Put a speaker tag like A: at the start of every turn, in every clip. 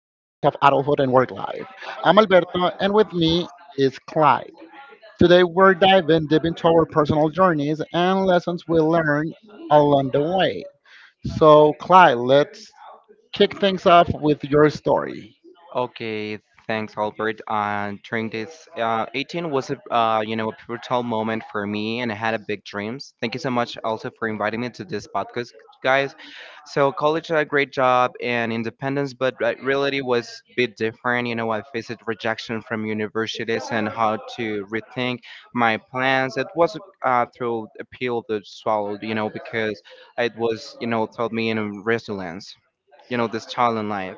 A: adulthood and work life. I'm Alberto, and with me is Clyde. Today, we're diving deep into our personal journeys and lessons we learned along the way. So, Clyde, let's kick things off with your story.
B: Okay, thanks, Albert. During this, 18 was a pivotal moment for me, and I had a big dreams. Thank you so much also for inviting me to this podcast, guys. So college had a great job and independence, but reality was a bit different. You know, I faced rejection from universities and how to rethink my plans. It was through a pill that swallowed, you know, because it was you know taught me in resilience. You know, this challenge life.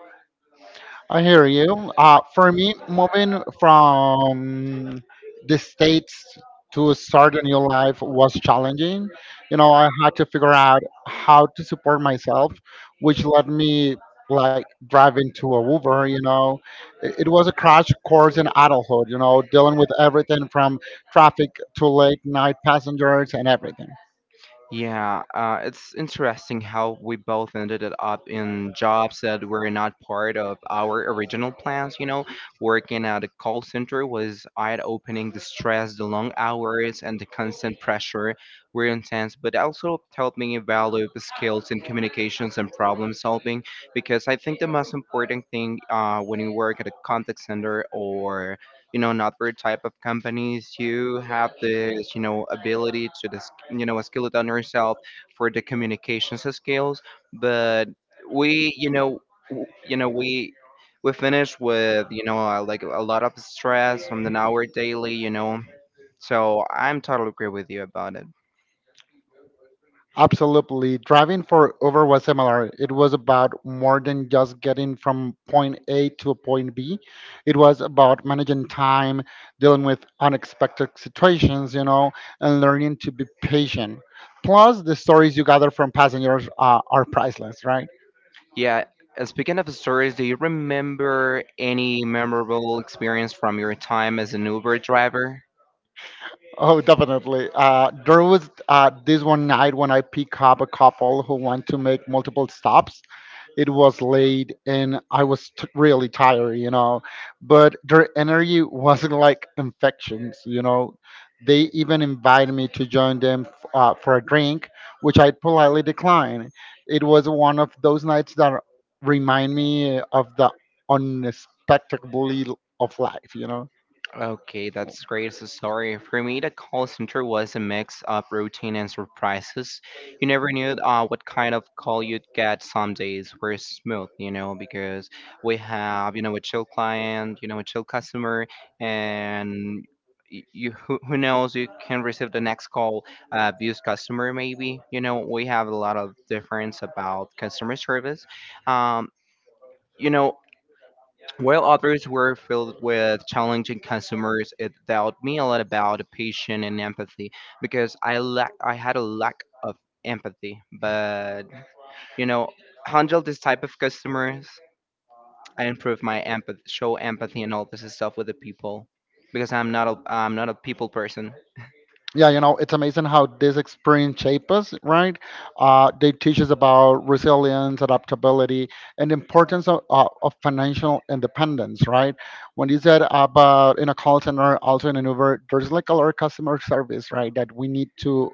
A: I hear you. For me, moving from the States to start a new life was challenging. You know, I had to figure out how to support myself, which led me like driving to a Uber, you know. It was a crash course in adulthood, you know, dealing with everything from traffic to late night passengers and everything.
B: Yeah, it's interesting how we both ended it up in jobs that were not part of our original plans. You know, working at a call center was eye-opening. The stress, the long hours, and the constant pressure were intense, but also helped me develop skills in communications and problem solving. Because I think the most important thing when you work at a contact center or in other type of companies you have this ability to this skill it on yourself for the communications skills, but we you know w- you know we finish with like a lot of stress from an hour daily, so I'm totally agree with you about it.
A: Absolutely. Driving for Uber was similar. It was about more than just getting from point A to a point B. It was about managing time, dealing with unexpected situations, you know, and learning to be patient. Plus, the stories you gather from passengers are priceless, right?
B: Yeah. Speaking of stories, do you remember any memorable experience from your time as an Uber driver?
A: Oh, definitely. There was this one night when I pick up a couple who want to make multiple stops. It was late and I was really tired, you know. But their energy wasn't like infections, you know. They even invited me to join them for a drink, which I politely declined. It was one of those nights that remind me of the unexpectedly of life, you know.
B: Okay, that's great. So sorry. For me, the call center was a mix of routine and surprises. You never knew what kind of call you'd get. Some days were smooth, you know, because we have, you know, a chill client, you know, a chill customer, and you who knows you can receive the next call. Views customer maybe, you know, we have a lot of difference about customer service. um you know while others were filled with challenging consumers, it taught me a lot about patience and empathy, because I had a lack of empathy. But you know, handle this type of customers, I improve my empathy, show empathy and all this stuff with the people, because I'm not a people person.
A: Yeah, you know, it's amazing how this experience shapes us, right? They teach us about resilience, adaptability, and the importance of financial independence, right? When you said about in a call center, also in an uber, there's like a lot of customer service, right, that we need to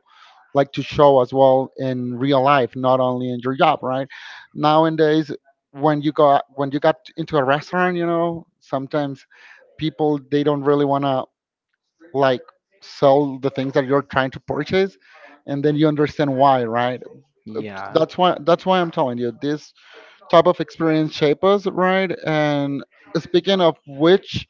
A: like to show as well in real life, not only in your job, right? Nowadays, when you got, when you got into a restaurant, you know, sometimes people they don't really want to like sell the things that you're trying to purchase, and then you understand why, right?
B: Yeah.
A: That's why, that's why I'm telling you this type of experience shape us, right? And speaking of which,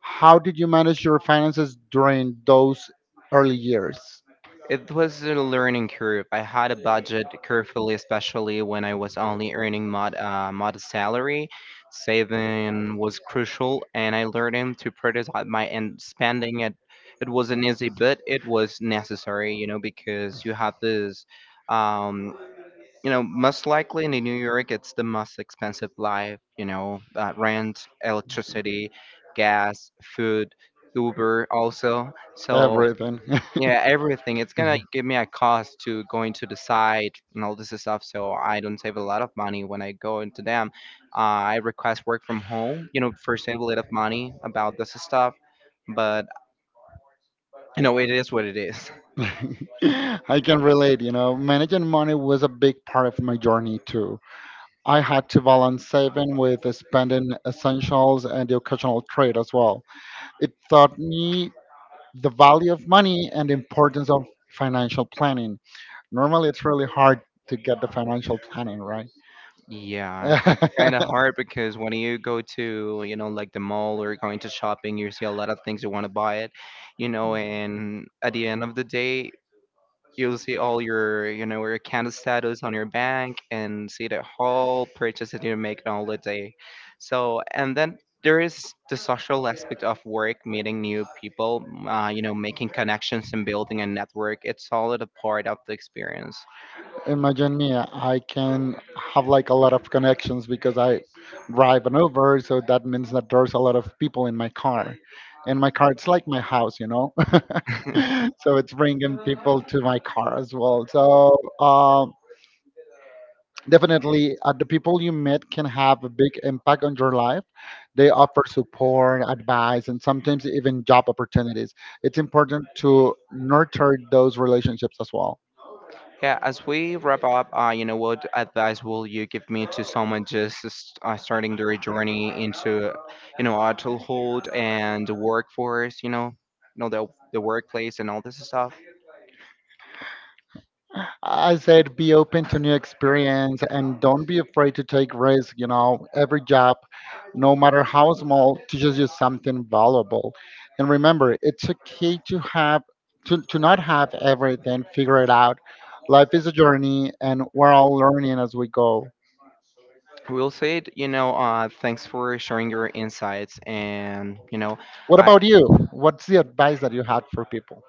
A: how did you manage your finances during those early years?
B: It was a learning curve. I had a budget carefully, especially when I was only earning modest salary. Saving was crucial, and I learned to prioritize my and spending. It wasn't easy, but it was necessary, you know, because you have this, um, you know, most likely in New York, it's the most expensive life, you know, rent, electricity, gas, food, Uber, also. So
A: Everything.
B: yeah, everything. It's gonna give me a cost to going to the site and all this stuff, so I don't save a lot of money when I go into them. I request work from home, you know, for save a lot of money about this stuff, but you know, it is what it is.
A: I can relate, you know, managing money was a big part of my journey too. I had to balance saving with spending essentials and the occasional trade as well. It taught me the value of money and the importance of financial planning. Normally, it's really hard to get the financial planning right.
B: Yeah, it's kind of hard because when you go to, you know, like the mall or going to shopping, you see a lot of things you want to buy it, you know, and at the end of the day, you'll see all your, you know, your account status on your bank and see the whole purchase that you make all the day. So, and then there is the social aspect of work, meeting new people, you know, making connections and building a network. It's all a part of the experience.
A: Imagine me, I can have like a lot of connections because I drive an Uber, so that means that there's a lot of people in my car. And my car, it's like my house, you know? So it's bringing people to my car as well. So, definitely, the people you meet can have a big impact on your life. They offer support, advice, and sometimes even job opportunities. It's important to nurture those relationships as well.
B: Yeah, as we wrap up, you know, what advice will you give me to someone just starting their journey into, you know, adulthood and the workforce, you know the workplace and all this stuff?
A: I said be open to new experience and don't be afraid to take risks, you know, every job, no matter how small, teaches you something valuable. And remember, it's okay to have to not have everything figured out. Life is a journey and we're all learning as we go.
B: We'll say, it, you know, thanks for sharing your insights, and you know,
A: What
B: I
A: about you? What's the advice that you had for people?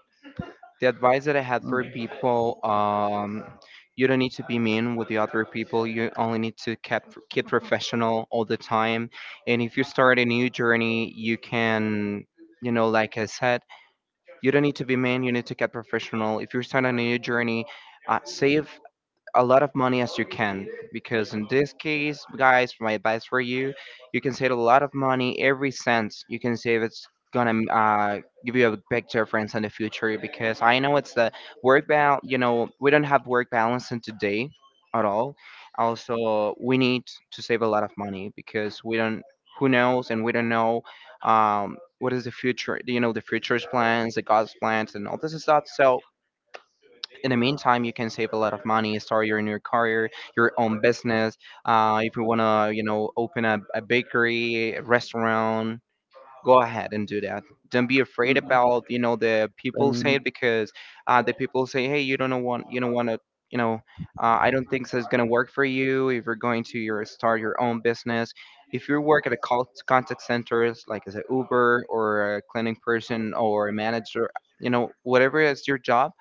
B: the advice that I had
A: Mm.
B: for people, you don't need to be mean with the other people. You only need to keep professional all the time. And if you start a new journey, you can, you know, like I said, you don't need to be mean. You need to get professional. If you start on a new journey, save a lot of money as you can, because in this case guys my advice for you, you can save a lot of money, every cent you can save it's gonna give you a big difference in the future, because I know it's the work balance, you know, we don't have work balance in today at all. Also we need to save a lot of money, because we don't, who knows and we don't know, what is the future, you know, the future's plans, the god's plans and all this stuff. So in the meantime you can save a lot of money, start your new career, your own business. If you want to, you know, open a bakery, a restaurant, go ahead and do that. Don't be afraid
A: Mm.
B: about, you know, the people say
A: Mm.
B: it, because the people say hey you don't know want you don't want to, you know, I don't think this is going to work for you if you're going to your start your own business. If you work at a contact centers like as an Uber or a cleaning person or a manager, you know whatever is your job,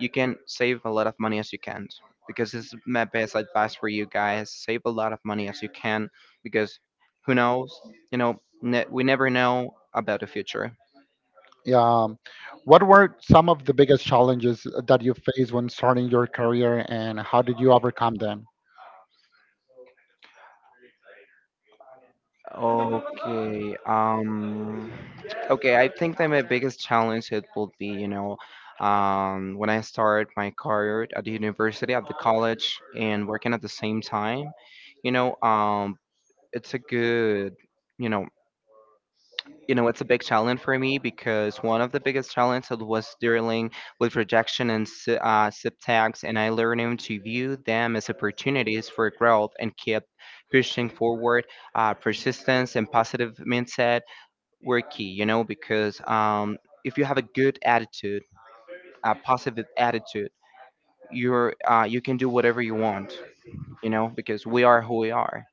B: you can save a lot of money as you can, because this is my best advice for you guys, save a lot of money as you can, because who knows, you know, we never know about the future.
A: Yeah. What were some of the biggest challenges that you faced when starting your career and how did you overcome them?
B: Okay, okay, I think that my biggest challenge it would be, you know, when I start my career at the university, at the college and working at the same time, you know, it's a good, you know, you know it's a big challenge for me, because one of the biggest challenges was dealing with rejection and subtext, and I learned to view them as opportunities for growth and keep pushing forward. Persistence and positive mindset were key, you know, because if you have a good attitude, a positive attitude, you're you can do whatever you want, you know, because we are who we are.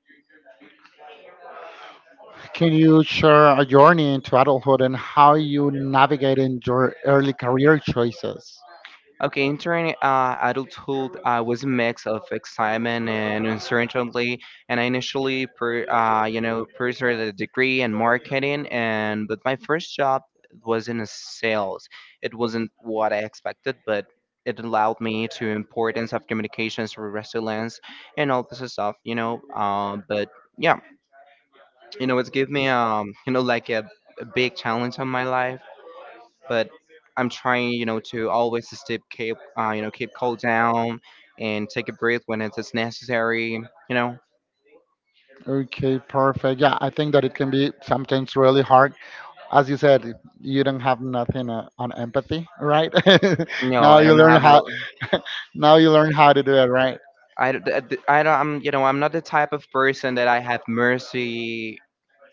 A: Can you share a journey into adulthood and how you navigated your early career choices?
B: Okay, entering adulthood was a mix of excitement and uncertainty, and I initially, you know, pursued a degree in marketing, and but my first job was in sales. It wasn't what I expected, but it allowed me to importance of communications, resilience, and all this stuff, you know. But yeah, you know, it's give me you know, like a big challenge on my life, but I'm trying, you know, to always to stay keep, you know, keep cool down and take a breath when it's necessary. You know,
A: Okay, perfect. Yeah, I think that it can be sometimes really hard. As you said, you don't have nothing on empathy, right?
B: no,
A: Now
B: I
A: you
B: don't
A: learn
B: have a,
A: how. Now you learn how to do it, right?
B: I, d- d- d- I don't, I'm, you know, I'm not the type of person that I have mercy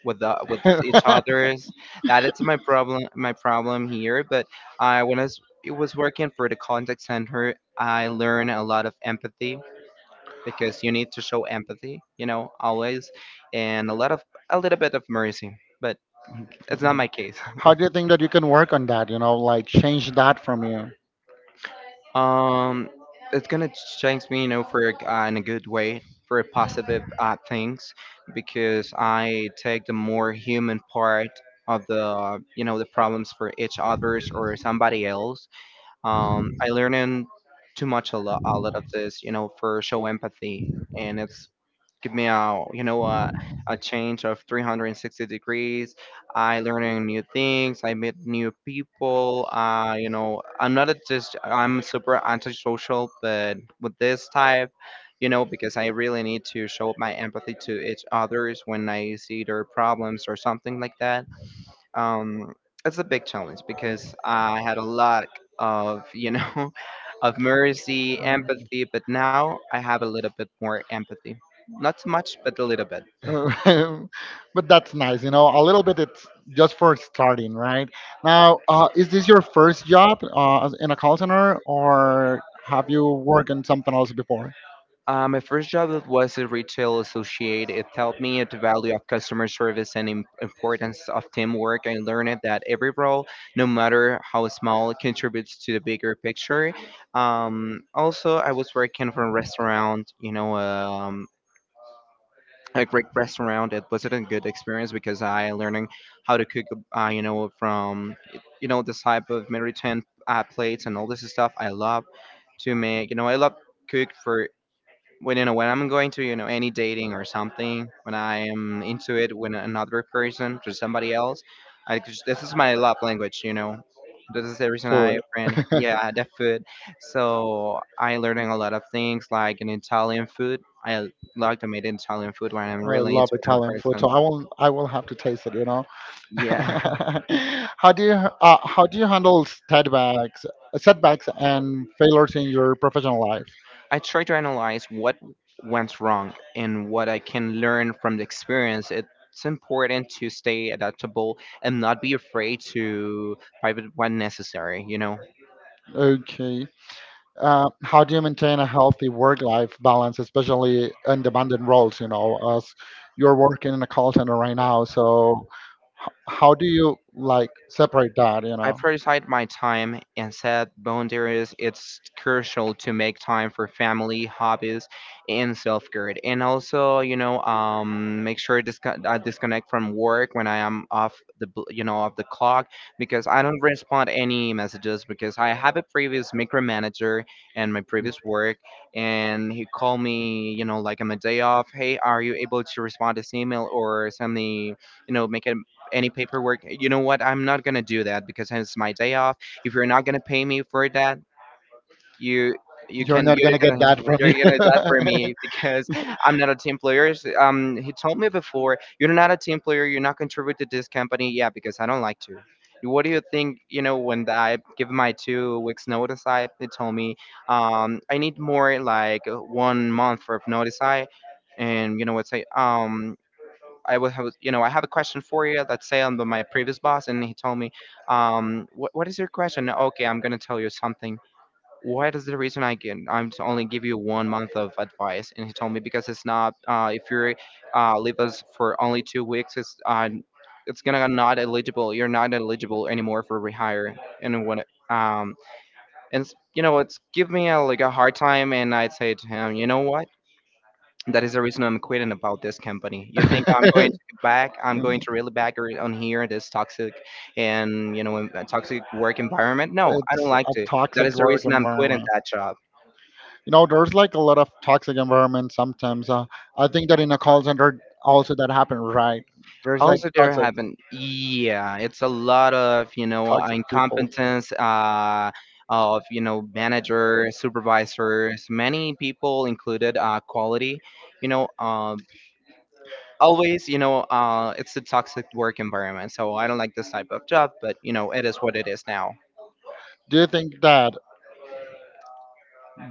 B: with with each others. That is my problem here. But when it was working for the contact center, I learned a lot of empathy, because you need to show empathy, you know, always, and a little bit of mercy. But it's not my case.
A: How do you think that you can work on that? You know, like change that from you.
B: Um, it's gonna change me, you know, for in a good way, for positive things, because I take the more human part of the, you know, the problems for each others or somebody else. I learn in too much a lot of this, you know, for show empathy, and it's give me a you know a change of 360 degrees. I learning new things, I meet new people, you know, I'm not a just I'm super antisocial but with this type, you know, because I really need to show my empathy to each others when I see their problems or something like that. um, it's a big challenge because I had a lot of you know of mercy, empathy, but now I have a little bit more empathy, not too much, but a little bit.
A: Uh, but that's nice, you know. A little bit, it's just for starting, right? Now, is this your first job in a call center, or have you worked on something else before?
B: My first job it was a retail associate. It taught me the value of customer service and importance of teamwork. I learned that every role, no matter how small, contributes to the bigger picture. Also, I was working for a restaurant, you know, a great restaurant. It was a good experience because I learning how to cook, you know, from you know this type of maritime plates and all this stuff. I love to make, you know, I love cook for when you know when I'm going to you know any dating or something, when I am into it with another person to somebody else, this is my love language, you know. This is the reason I
A: Food.
B: friend.
A: I
B: Yeah, the food. So I learning a lot of things like in Italian food. I like to make Italian food when I'm really
A: love
B: into it in
A: Italian food, so
B: person.
A: I will have to taste it, you know.
B: Yeah.
A: How do you handle setbacks and failures in your professional life?
B: I try to analyze what went wrong and what I can learn from the experience. It's important to stay adaptable and not be afraid to pivot when necessary, you know?
A: Okay. How do you maintain a healthy work-life balance, especially in demanding roles? You know, as you're working in a call center right now, so how do you like separate that? You
B: I
A: know.
B: prioritize my time and set boundaries. It's crucial to make time for family, hobbies, and self care. And also, make sure I disconnect from work when I am off the off the clock because I don't respond any messages because I have a previous micromanager and my previous work, and he called me, you know, like on my day off. Hey, are you able to respond to this email or send me, you know, make a any paperwork. You know what? I'm not gonna do that because it's my day off. If you're not gonna pay me for that, you you
A: You're
B: can,
A: not
B: you're
A: gonna get
B: gonna
A: that from
B: you're
A: you.
B: gonna do that for me because I'm not a team player. So, he told me before you're not a team player. You're not contributed to this company. Yeah, because I don't like to. What do you think? You know, when I give my 2 weeks notice, I they told me I need more like 1 month of notice. I And you know what say, I would have, you know, I have a question for you. Let's say my previous boss, and he told me, what is your question? Okay, I'm gonna tell you something. What is the reason I'm to only give you 1 month of advice? And he told me because it's not, if you leave us for only 2 weeks, it's gonna not eligible. You're not eligible anymore for rehire. And um, you know, it's give me a, like a hard time, and I'd say to him, you know what? That is the reason I'm quitting about this company. You think I'm going to back? I'm going to really back her on here this toxic, and toxic work environment? No, I don't
A: It's
B: like
A: a
B: to. That
A: toxic
B: is the
A: work
B: reason I'm quitting
A: environment.
B: that job.
A: You know, there's like a lot of toxic environments sometimes. I think that in a call center also that happens, right? There's like
B: Also, there
A: toxic.
B: have been, yeah, it's a lot of, you know,
A: Toxic people.
B: incompetence. Of, you know, manager supervisors, many people included, quality, you know, always, you know, it's a toxic work environment, so I don't like this type of job, but you know it is what it is now.
A: Do you think that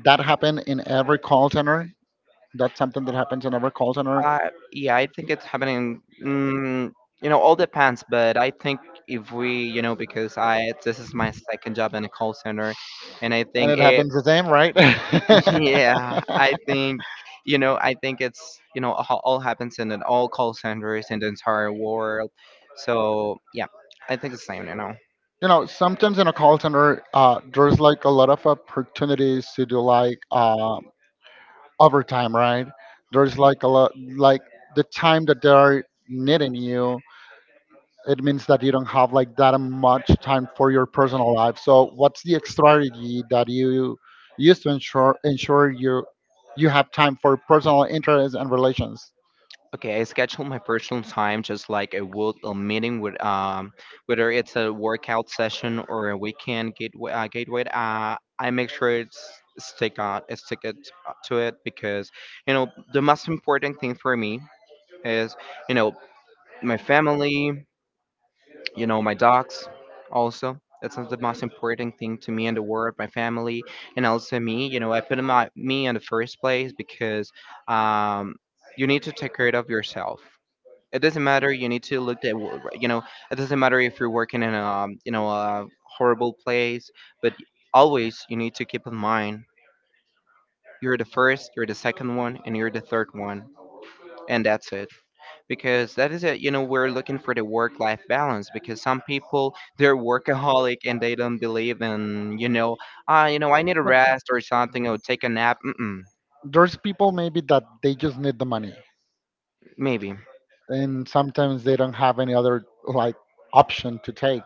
A: that happened in every call center? That's something that happens in every call center,
B: uh yeah, I think it's happening, you know, all depends, but I think if we, you know, because I, this is my second job in a call center, and I
A: and
B: think
A: it
B: it.
A: happens the same, right?
B: Yeah, I think, you know, I think it's, all happens in an all call centers in the entire world, so yeah, I think the same, you know.
A: You know, sometimes in a call center, there's like a lot of opportunities to do like overtime, right? There's like a lot, like the time that they're needing you, it means that you don't have like that much time for your personal life. So what's the strategy that you use to ensure you you have time for personal interests and relations?
B: Okay, I schedule my personal time just like I would a meeting with whether it's a workout session or a weekend gateway. I make sure it's stick on stick it, to it because, you know, the most important thing for me is, you know, my family, you know, my dogs, also. That's not the most important thing to me in the world, my family, and also me. You know, I put my, me in the first place because, um, you need to take care of yourself. It doesn't matter, you need to look at you know, it doesn't matter if you're working in a, you know, a horrible place, but always you need to keep in mind you're the first, you're the second one, and you're the third one, and that's it, because that is it, you know, we're looking for the work life balance because some people they're workaholic and they don't believe in, you know, ah, you know, I need a rest or something or take a nap. Mm-mm,
A: There's people maybe that they just need the money,
B: maybe.
A: and sometimes they don't have any other like option to take.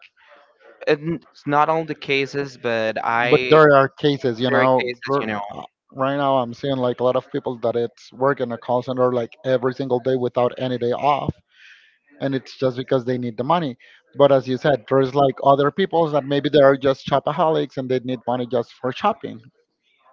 B: And it's not all the cases, but
A: But
B: I,
A: there are cases, you
B: there are
A: know,
B: cases, you know.
A: there- uh, right now I'm seeing like a lot of people that it's working a call center like every single day without any day off, and it's just because they need the money. But as you said, there's like other peoples that maybe they are just shopaholics and they need money just for shopping.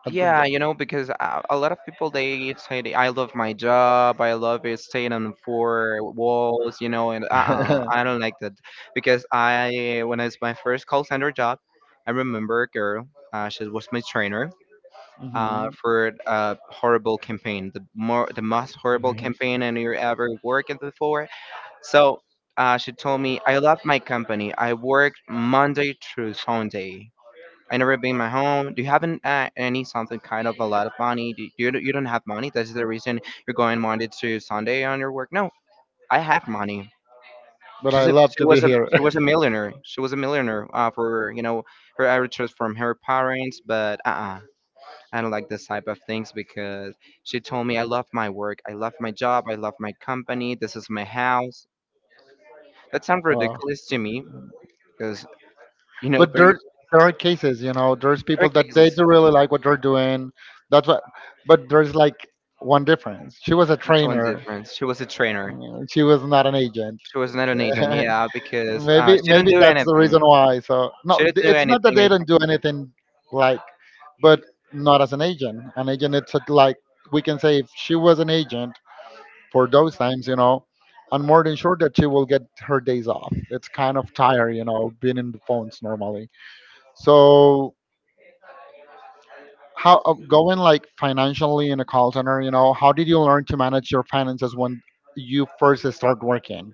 A: Uh, th-
B: Yeah,
A: th-
B: you know, because a lot of people they say they, I love my job, I love it staying on four walls, you know, and uh-uh, I don't like that because I when it's my first call center job, I remember a girl, she was my trainer.
A: Mhm.
B: For a horrible campaign, the most horrible
A: Mhm.
B: campaign I you ever worked before. So she told me, "I love my company. I work Monday through Sunday. I never been my home. Do you haven't any something kind of a lot of money? Do you don't have money? That's the reason you're going Monday to Sunday on your work. No, I have money.
A: But I love to be here.
B: She was a millionaire. She was a millionaire, for you know her heritage from her parents. But I don't like this type of things because she told me I love my work. I love my job. I love my company. This is my house. That sounds
A: Uh,
B: ridiculous to me because, you know,
A: but
B: during
A: there are cases, you know, there's people
B: the
A: that they
B: cases
A: do really like what they're doing. That's what, but there's like one difference: she was a
B: it's one
A: trainer.
B: difference. She was a trainer.
A: Mm, she was not an agent.
B: She was not an agent, yeah, because
A: Maybe,
B: she didn't
A: maybe
B: do
A: that's the
B: anything.
A: reason why. So no,
B: She didn't do
A: it's not that
B: anything. I
A: they
B: think.
A: don't do anything like, but not as an agent. An agent, it's a- like, we can say if she was an agent for those times, you know, I'm more than sure that she will get her days off. It's kind of tired, you know, being in the phones normally. So how going like financially in a call center, you know, how did you learn to manage your finances when you first start working?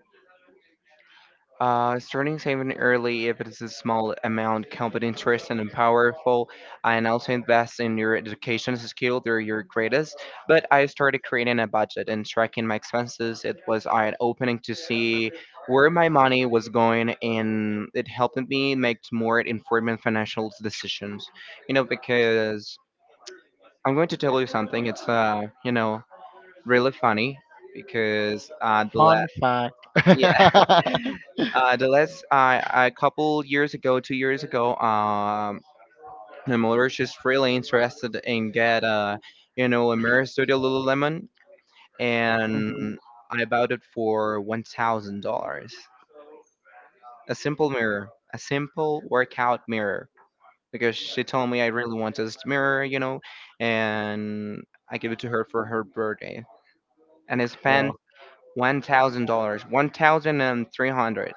B: Starting saving early if it is a small amount, competent, interest and powerful, and also invest in your education skill. They're your greatest. But I started creating a budget and tracking my expenses. It was eye opening to see where my money was going, and it helped me make more informed financial decisions. You know, because I'm going to tell you something. It's, you know, really funny because,
A: Fun fact.
B: yeah, the last, a couple years ago, 2 years ago, my mother was just really interested in get, you know, a Mirror Studio Lululemon, and
A: Mhm.
B: I bought it for $1,000. A simple mirror, a simple workout mirror, because she told me I really want this mirror, you know, and I gave it to her for her birthday, and I spent
A: Bro.
B: $1,000, 1,300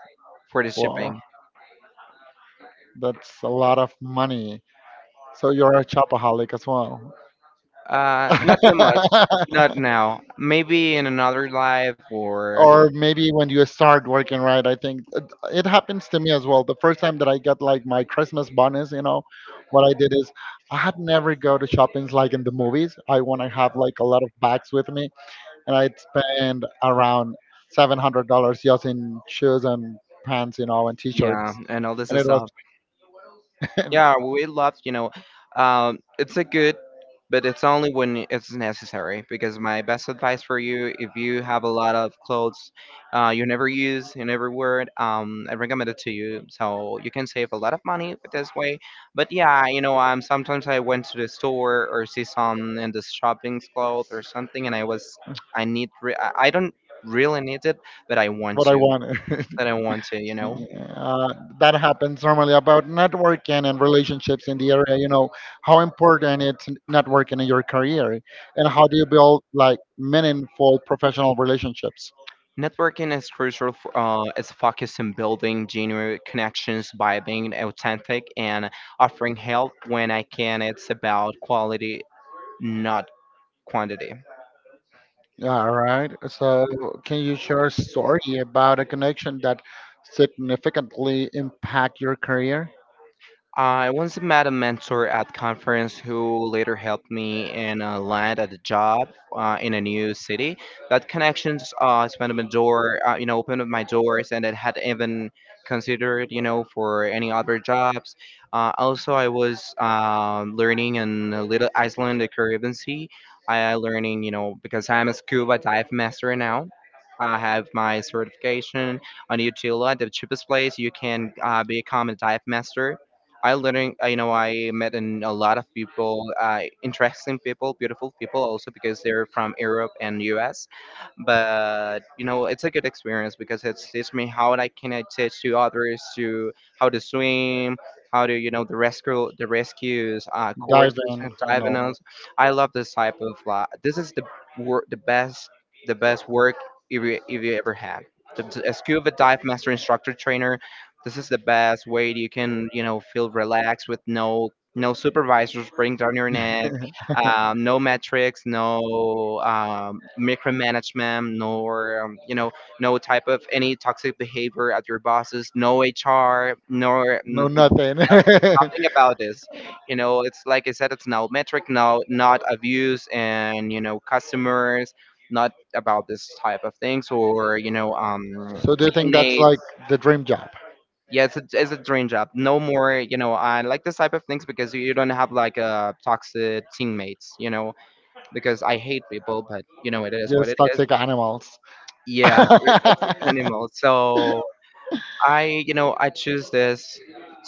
B: for the
A: Well,
B: shipping.
A: that's a lot of money. So you're a shopaholic as well.
B: Not too much, not now. Maybe in another life or
A: Or maybe when you start working, right? I think it, it happens to me as well. The first time that I got like my Christmas bonus, you know what I did is I had never go to shoppings, like in the movies, I want to have like a lot of bags with me, and I'd spend around $700 just in shoes and pants, you know, and
B: yeah,
A: t-shirts,
B: and all this
A: and it was
B: stuff. Yeah, we love, you know, it's a good, but it's only when it's necessary. Because my best advice for you, if you have a lot of clothes you never use, you never wear, I recommend it to you. So you can save a lot of money with this way. But yeah, you know, sometimes I went to the store or see some in the shopping clothes or something, and I was, I need, I don't really need it, but I want
A: what I
B: to.
A: wanted.
B: That I want to, you know.
A: Yeah, that happens normally. About networking and relationships in the area, you know, how important it's networking in your career, and how do you build like meaningful professional relationships?
B: Networking is crucial for, is focused on building genuine connections by being authentic and offering help when I can. It's about quality, not quantity.
A: All right. So, can you share a story about a connection that significantly impact your career?
B: I once met a mentor at conference who later helped me in a land at a job, in a new city. That connections expanded my door, you know, opened up my doors, and it had even considered, you know, for any other jobs. Also, I was, learning in a little Iceland, the Caribbean Sea. I learning, you know, because I'm a scuba dive master now. I have my certification on Utila, the cheapest place you can, become a dive master. I learning, you know, I met in a lot of people, interesting people, beautiful people also because they're from Europe and US. But you know, it's a good experience because it's teach me how I teach to others to how to swim, how to, you know, the rescues,
A: Dive
B: courses and
A: in, I
B: diving.
A: know.
B: I love this type of life. This is the work, the best work if you ever had. A scuba dive master instructor trainer, this is the best way you can, you know, feel relaxed with no supervisors bring down your neck, no metrics, micromanagement, nor, you know, no type of any toxic behavior at your bosses, no HR, nor
A: No,
B: n-
A: nothing.
B: nothing about this. You know, it's like I said, it's no metric, no not abuse and you know customers, not about this type of things or you know,
A: So do you think that's like
B: teammates.
A: the dream job?
B: Yeah, it's a dream job no more, you know. I like this type of things because you don't have like toxic teammates, you know, because I hate people, but you know it is what
A: Just
B: it is.
A: toxic animals.
B: Yeah, they're toxic animals, so I, you know, I choose this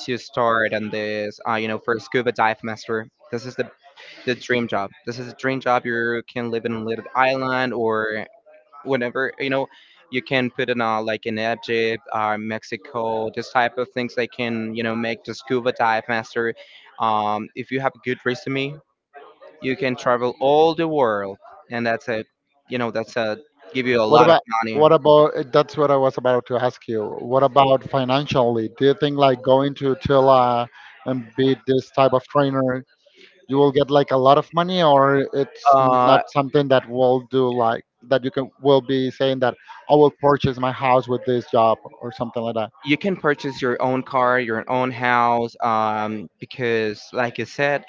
B: to start on this, you know, for scuba dive master. This is the dream job. This is a dream job. You can live in a little island or whenever, you know. You can put in, like in Egypt, Mexico, this type of things, they can, you know, make the scuba dive master. If you have a good resume, you can travel all the world, and that's a, you know, that's a, give you a
A: What
B: lot of
A: about,
B: money.
A: what about, that's what I was about to ask you. What about financially? Do you think like going to Tula and be this type of trainer, you will get like a lot of money, or it's
B: uh,
A: not something that will do like that you can will be saying that I will purchase my house with this job or something like that.
B: you can purchase your own car, your own house, because like I said,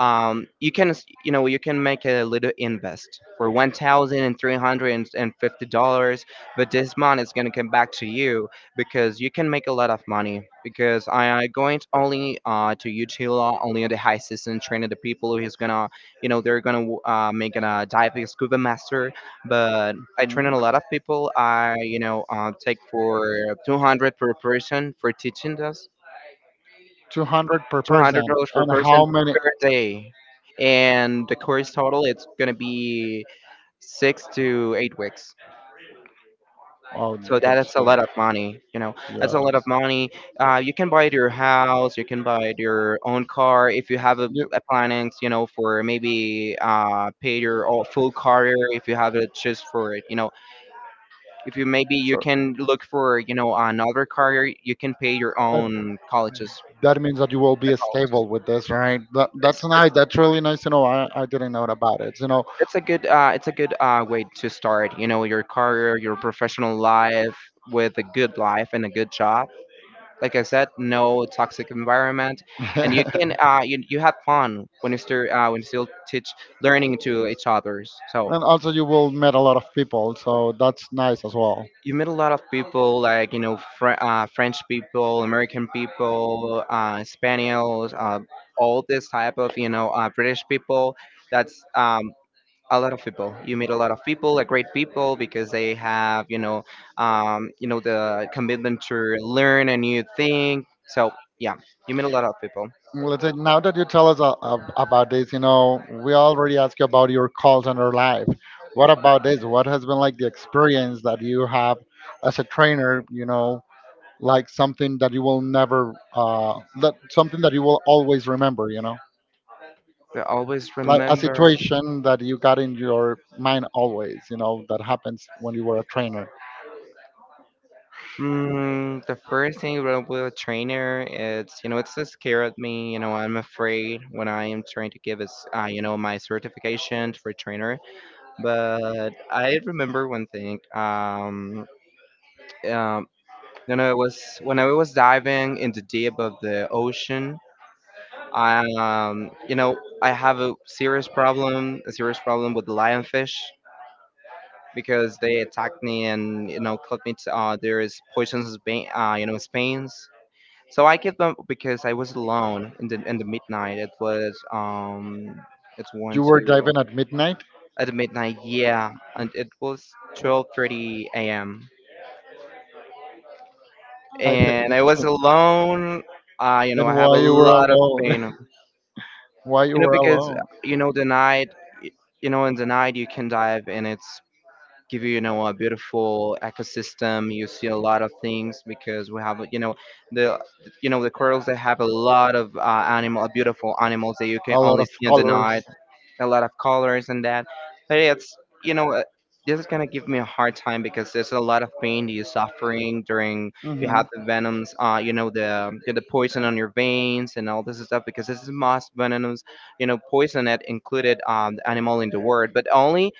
B: you can you know, you can make a little invest for $1,350, but this money is gonna come back to you, because you can make a lot of money, because I am going to only, to Utila only in the high season training the people who's gonna, you know, they're gonna make a diving scuba master. But I train
A: Mhm.
B: a lot of people. I, you know, take for 200 per person for teaching us,
A: 200 per
B: 200
A: person.
B: dollars per
A: And how
B: person
A: many?
B: per day, and the course total it's gonna be 6 to 8 weeks.
A: Oh,
B: So that
A: that's
B: is a lot of money. You know, that's
A: yeah.
B: a lot of money. You can buy it your house. You can buy it your own car if you have a,
A: You,
B: a plannings. You know, for maybe, pay your all full career if you have a choose for it, you know, if you maybe you
A: so,
B: can look for, you know, another career, you can pay your
A: but
B: own colleges.
A: that means that you will
B: The
A: be
B: colleges.
A: stable with this, right? That, that's nice. That's really nice to know. I didn't know about it, you know.
B: It's a good way to start, you know, your career, your professional life, with a good life and a good job. Like I said, no toxic environment, and you can,
A: And
B: you have fun when you still teach, learning to each others. So
A: also, you will meet a lot of people, so that's nice as well.
B: you meet a lot of people, like, you know, French people, American people, spaniels, all this type of, you know, British people. That's, a lot of people. You meet a lot of people, like great people, because they have, you know, you know, the commitment to learn a new thing, so yeah, you meet a lot of people.
A: Listen, now that you tell us about this, you know, we already asked you about your call center life. What about this? What has been like the experience that you have as a trainer, you know, like something that you will never, that something that you will always remember, you know,
B: I always
A: like a
B: remember.
A: situation that you got in your mind always, you know, that happens when you were a trainer.
B: The first thing about with a trainer, it's, you know, it's just scared me, you know. I'm afraid when I am trying to give us, you know, my certification for trainer. But I remember one thing, um, you know, it was when I was diving in the deep of the ocean. You know, I have a serious problem with lionfish, because they attacked me and, you know, cut me. To, there is poisonous, vein, you know, veins. So I kept them because I was alone in the midnight. It was, it's one
A: You were
B: two
A: diving at midnight,
B: at the midnight. Yeah, and it was 12:30 a.m.
A: I think,
B: and I was alone. You know,
A: and
B: I have a
A: why you were
B: lot of
A: alone,
B: pain.
A: why you
B: You know,
A: were
B: because
A: alone.
B: you know the night, y- you know, in the night you can dive and it's give you, you know, a beautiful ecosystem. You see a lot of things because we have, you know, the the corals. They have a lot of, animal, beautiful animals that you can
A: A lot
B: only
A: of
B: see in the
A: colors.
B: night, a lot of colors and that. But it's, you know, this is gonna give me a hard time, because there's a lot of pain that you're suffering during. You
A: Hmm.
B: have the venoms, you know, the poison on your veins and all this stuff, because this is most venomous, you know, poison that included, the animal in the word, but only.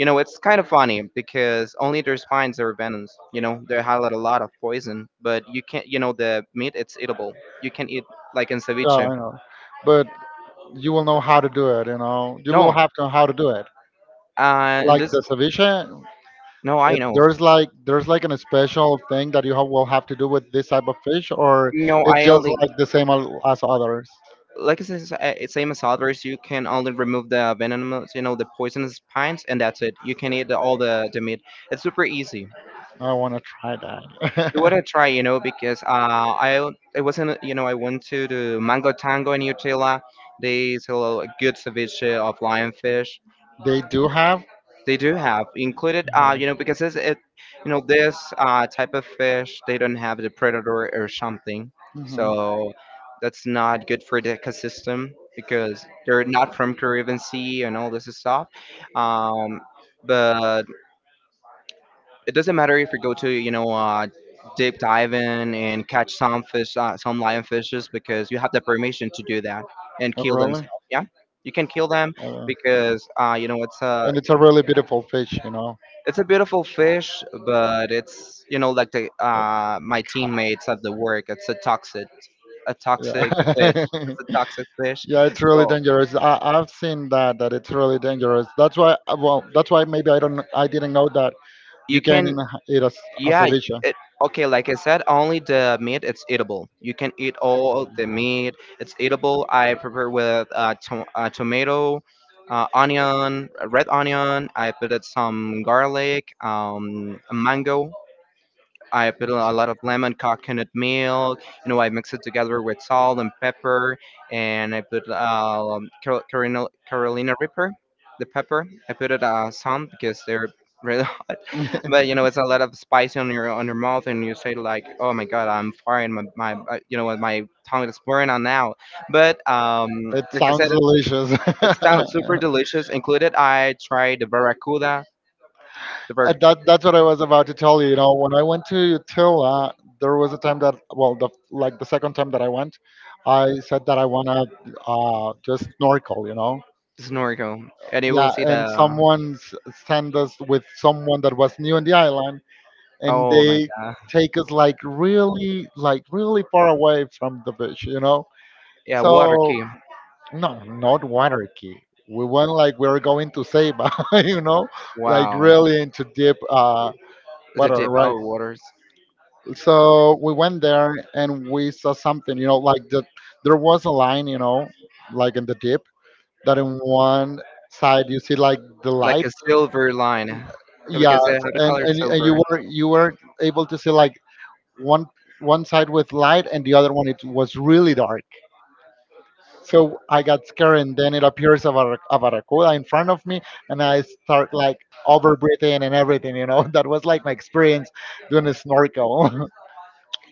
B: You know, it's kind of funny because only their spines are venomous. You know, they highlight a lot of poison, but you can't. You know, the meat it's eatable. You can eat like in
A: Yeah,
B: ceviche.
A: I know. But you will know how to do it, you know. You will
B: No,
A: have to know how to do it.
B: and
A: Like
B: this.
A: the ceviche.
B: No, I know.
A: There's like an special thing that you have, will have to do with this type of fish, or
B: No,
A: it's
B: I
A: just
B: only,
A: like the same as others.
B: like I said, it's same as others. You can only remove the venomous, you know, the poisonous spines, and that's it. You can eat all the meat. It's super easy.
A: I want to try
B: You wanna
A: that.
B: try, you know, because I it wasn't, you know, I went to the Mango Tango in Utila. They sell a good ceviche of lionfish.
A: They do have.
B: They do have included, you know, because you know, this, type of fish, they don't have the predator or something,
A: Mhm.
B: so that's not good for the ecosystem, because they're not from Caribbean Sea and all this stuff. Um, but it doesn't matter if you go to, you know, deep diving and catch some fish, some lionfishes, because you have the permission to do that and
A: Oh,
B: kill them.
A: really?
B: Yeah, you can kill them,
A: Uh,
B: because, you know, it's a.
A: and it's a really beautiful fish, you know.
B: It's a beautiful fish, but it's, you know, like the,
A: But
B: my
A: ca-
B: teammates at the work. It's a toxic fish,
A: Yeah.
B: a toxic fish.
A: Yeah, it's really
B: So
A: dangerous. I've seen that it's really dangerous. That's why Well, that's why maybe I didn't know that. You
B: you
A: can
B: can,
A: eat as
B: yeah.
A: ceviche.
B: It, okay, like I said, only the meat it's eatable. You can eat all the meat. It's eatable. I prepare with, tomato. Onion, red onion. I put it some garlic, mango. I put a lot of lemon, coconut milk. You know, I mix it together with salt and pepper, and I put, Carolina Reaper, the pepper. I put it, some, because they're really. But you know, it's a lot of spice on your mouth, and you say like, "Oh my God, I'm fired. My, you know, what, my tongue is burning on now." But,
A: It
B: like I said,
A: sounds
B: it's
A: delicious.
B: it sounds super delicious. Included, I tried the barracuda, the bar-
A: That's what I was about to tell you. You know, when I went to Tula, there was a time that, well, the like the second time that I went, I said that I wanna just snorkel. You know,
B: snorkel, and you will
A: yeah,
B: see
A: and
B: the.
A: someone sent us with someone that was new in the island, and
B: Oh my
A: they
B: God.
A: take us like really far away from the beach. You know,
B: Yeah, water
A: so
B: key.
A: no, not anarchy. We went like we are going to say, but you know, like
B: Wow.
A: really into deep
B: It's a
A: water,
B: dip.
A: right?
B: Oh, waters.
A: So we went there and we saw something, you know, like the, there was a line, you know, like in the deep, that in one side you see like the
B: Like a
A: light,
B: silver line. Yeah,
A: yeah,
B: because they have the
A: and,
B: color
A: and and you
B: silver.
A: were you were able to see like one one side with light and the other one it was really dark. So I got scared, and then it appears a barracuda in front of me, and I start like over breathing and everything. You know, that was like my experience doing a snorkel.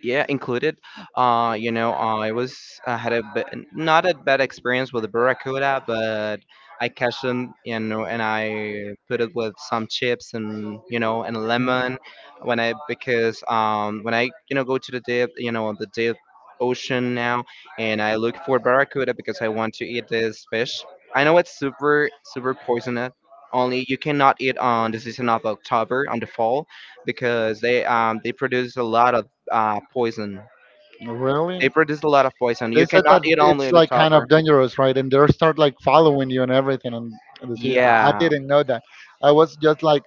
B: Yeah, included, you know, I had a bit, not a bad experience with the barracuda, but I catch them, you know, and I put it with some chips, and you know, and lemon. When I, you know, go to the deep ocean now, and I look for barracuda because I want to eat this fish. I know it's super super poisonous. Only you cannot eat on the season of October on the fall, because they produce a lot of, poison. They
A: Really?
B: produce a lot of poison. You
A: They said
B: cannot
A: that
B: eat
A: it's
B: only the
A: like kind of
B: cover.
A: dangerous, right? And they start like following you and everything. And you see, I
B: Yeah,
A: didn't know that. I was just like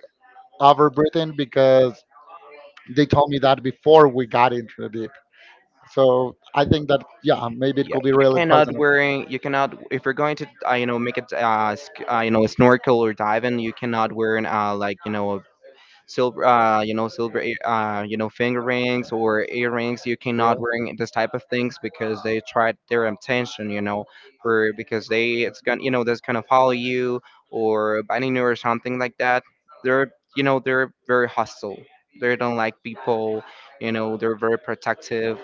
A: over breathing because they told me that before we got into the deep. So I think that yeah, maybe it
B: yeah.
A: could be
B: You
A: really pleasant
B: cannot
A: and
B: wearing. You cannot, if you're going to, you know, make it, you know, snorkel or dive in. You cannot wear an, like, you know, silver, you know, silver, you know, finger rings or earrings. You cannot
A: real.
B: wearing this type of things, because they tried their intention, you know, for, because they, it's gonna, you know, that's gonna follow you or biting you or something like that. They're you know they're very hostile. They don't like people, you know. They're very protective,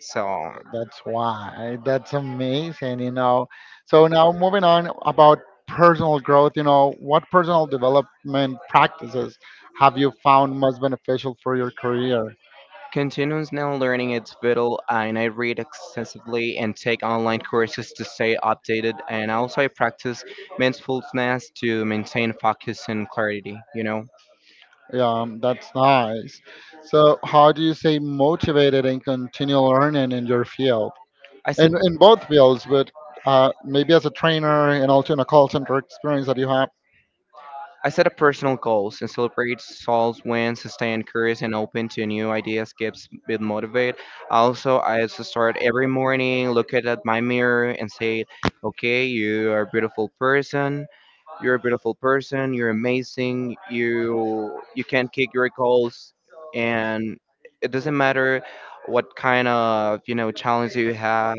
B: so.
A: That's why. That's amazing, you know. So now moving on about personal growth, you know, what personal development practices have you found most beneficial for your career?
B: Continues now learning is vital, and I read extensively and take online courses to stay updated, and also I practice mindfulness to maintain focus and clarity, you know.
A: That's nice. So how do you stay motivated and continue learning in your field?
B: I
A: in,
B: set
A: in both fields, but maybe as a trainer and also in a call center experience that you have,
B: I set up personal goals and celebrate small wins. Stay encouraged and open to new ideas keeps me motivated. Also, I also start every morning, look at my mirror and say, "Okay, you are a beautiful person. You're a beautiful person. You're amazing. You can kick your goals, and it doesn't matter what kind of, you know, challenge you have,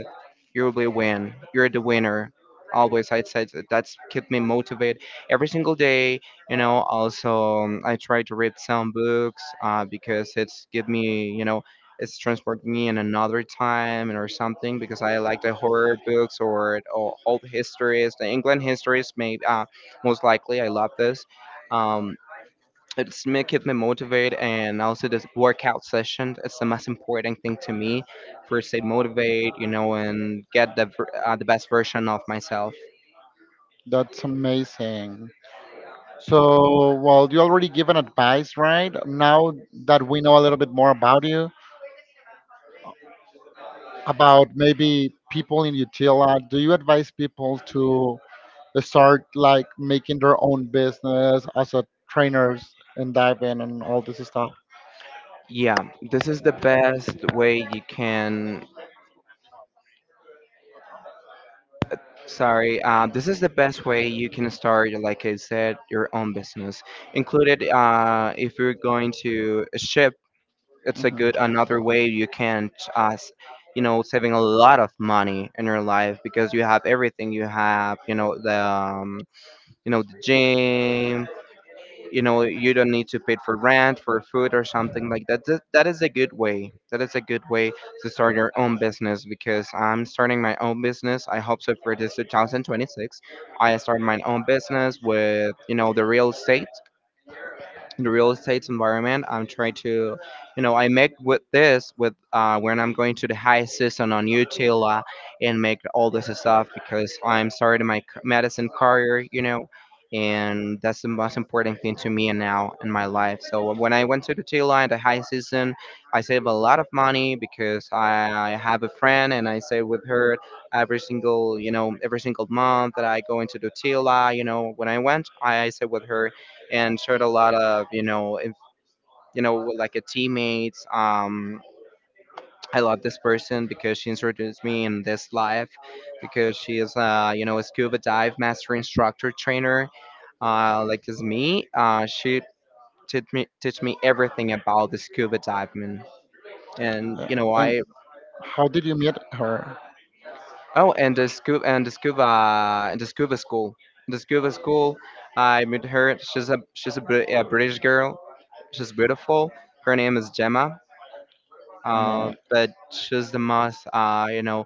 B: you will win. You're the winner." Always, I said that's kept me motivated every single day. You know, also, I try to read some books, because it's give me, you know, it's transport me in another time or something, because I like the horror books, or old histories, the England histories. Maybe, most likely I love this. Um, it's me keep me motivated, and also this workout session is the most important thing to me, for stay motivate, you know, and get the best version of myself.
A: that's amazing. So, well, you already given advice, right? Now that we know a little bit more about you, about maybe people in Utila, do you advise people to start like making their own business as a trainers and dive in and all this stuff?
B: Yeah, this is the best way you can sorry this is the best way you can start, like I said, your own business. Included, if you're going to ship, it's a
A: Hmm.
B: good another way you can, uh, s- you know, saving a lot of money in your life, because you have everything, you have, you know, the gym. You know, you don't need to pay for rent, for food or something like that, that is a good way, that is a good way to start your own business. Because I'm starting my own business, I hope so, for this 2026 I start my own business with, you know, the real estate, in the real estate environment. I'm trying to, I make with this with when I'm going to the high season on YouTube, and make all this stuff because I'm starting my medicine career, you know, and that's the most important thing to me and now in my life. So when I went to the Tila in the high season, I save a lot of money because I have a friend and I save with her every single, every single month that I go into the Tila. You know, when I went, I save with her and shared a lot of you know if, you know with, like a teammates. I love this person because she introduced me in this life because she is a scuba dive master instructor trainer, like as me. She teach me everything about the scuba diving. And you know
A: And
B: I
A: how did you meet her?
B: oh, and the scuba, and the scuba school. the scuba school I met her. She's a, a British girl. She's beautiful. Her name is Gemma.
A: No.
B: But she's the most, uh,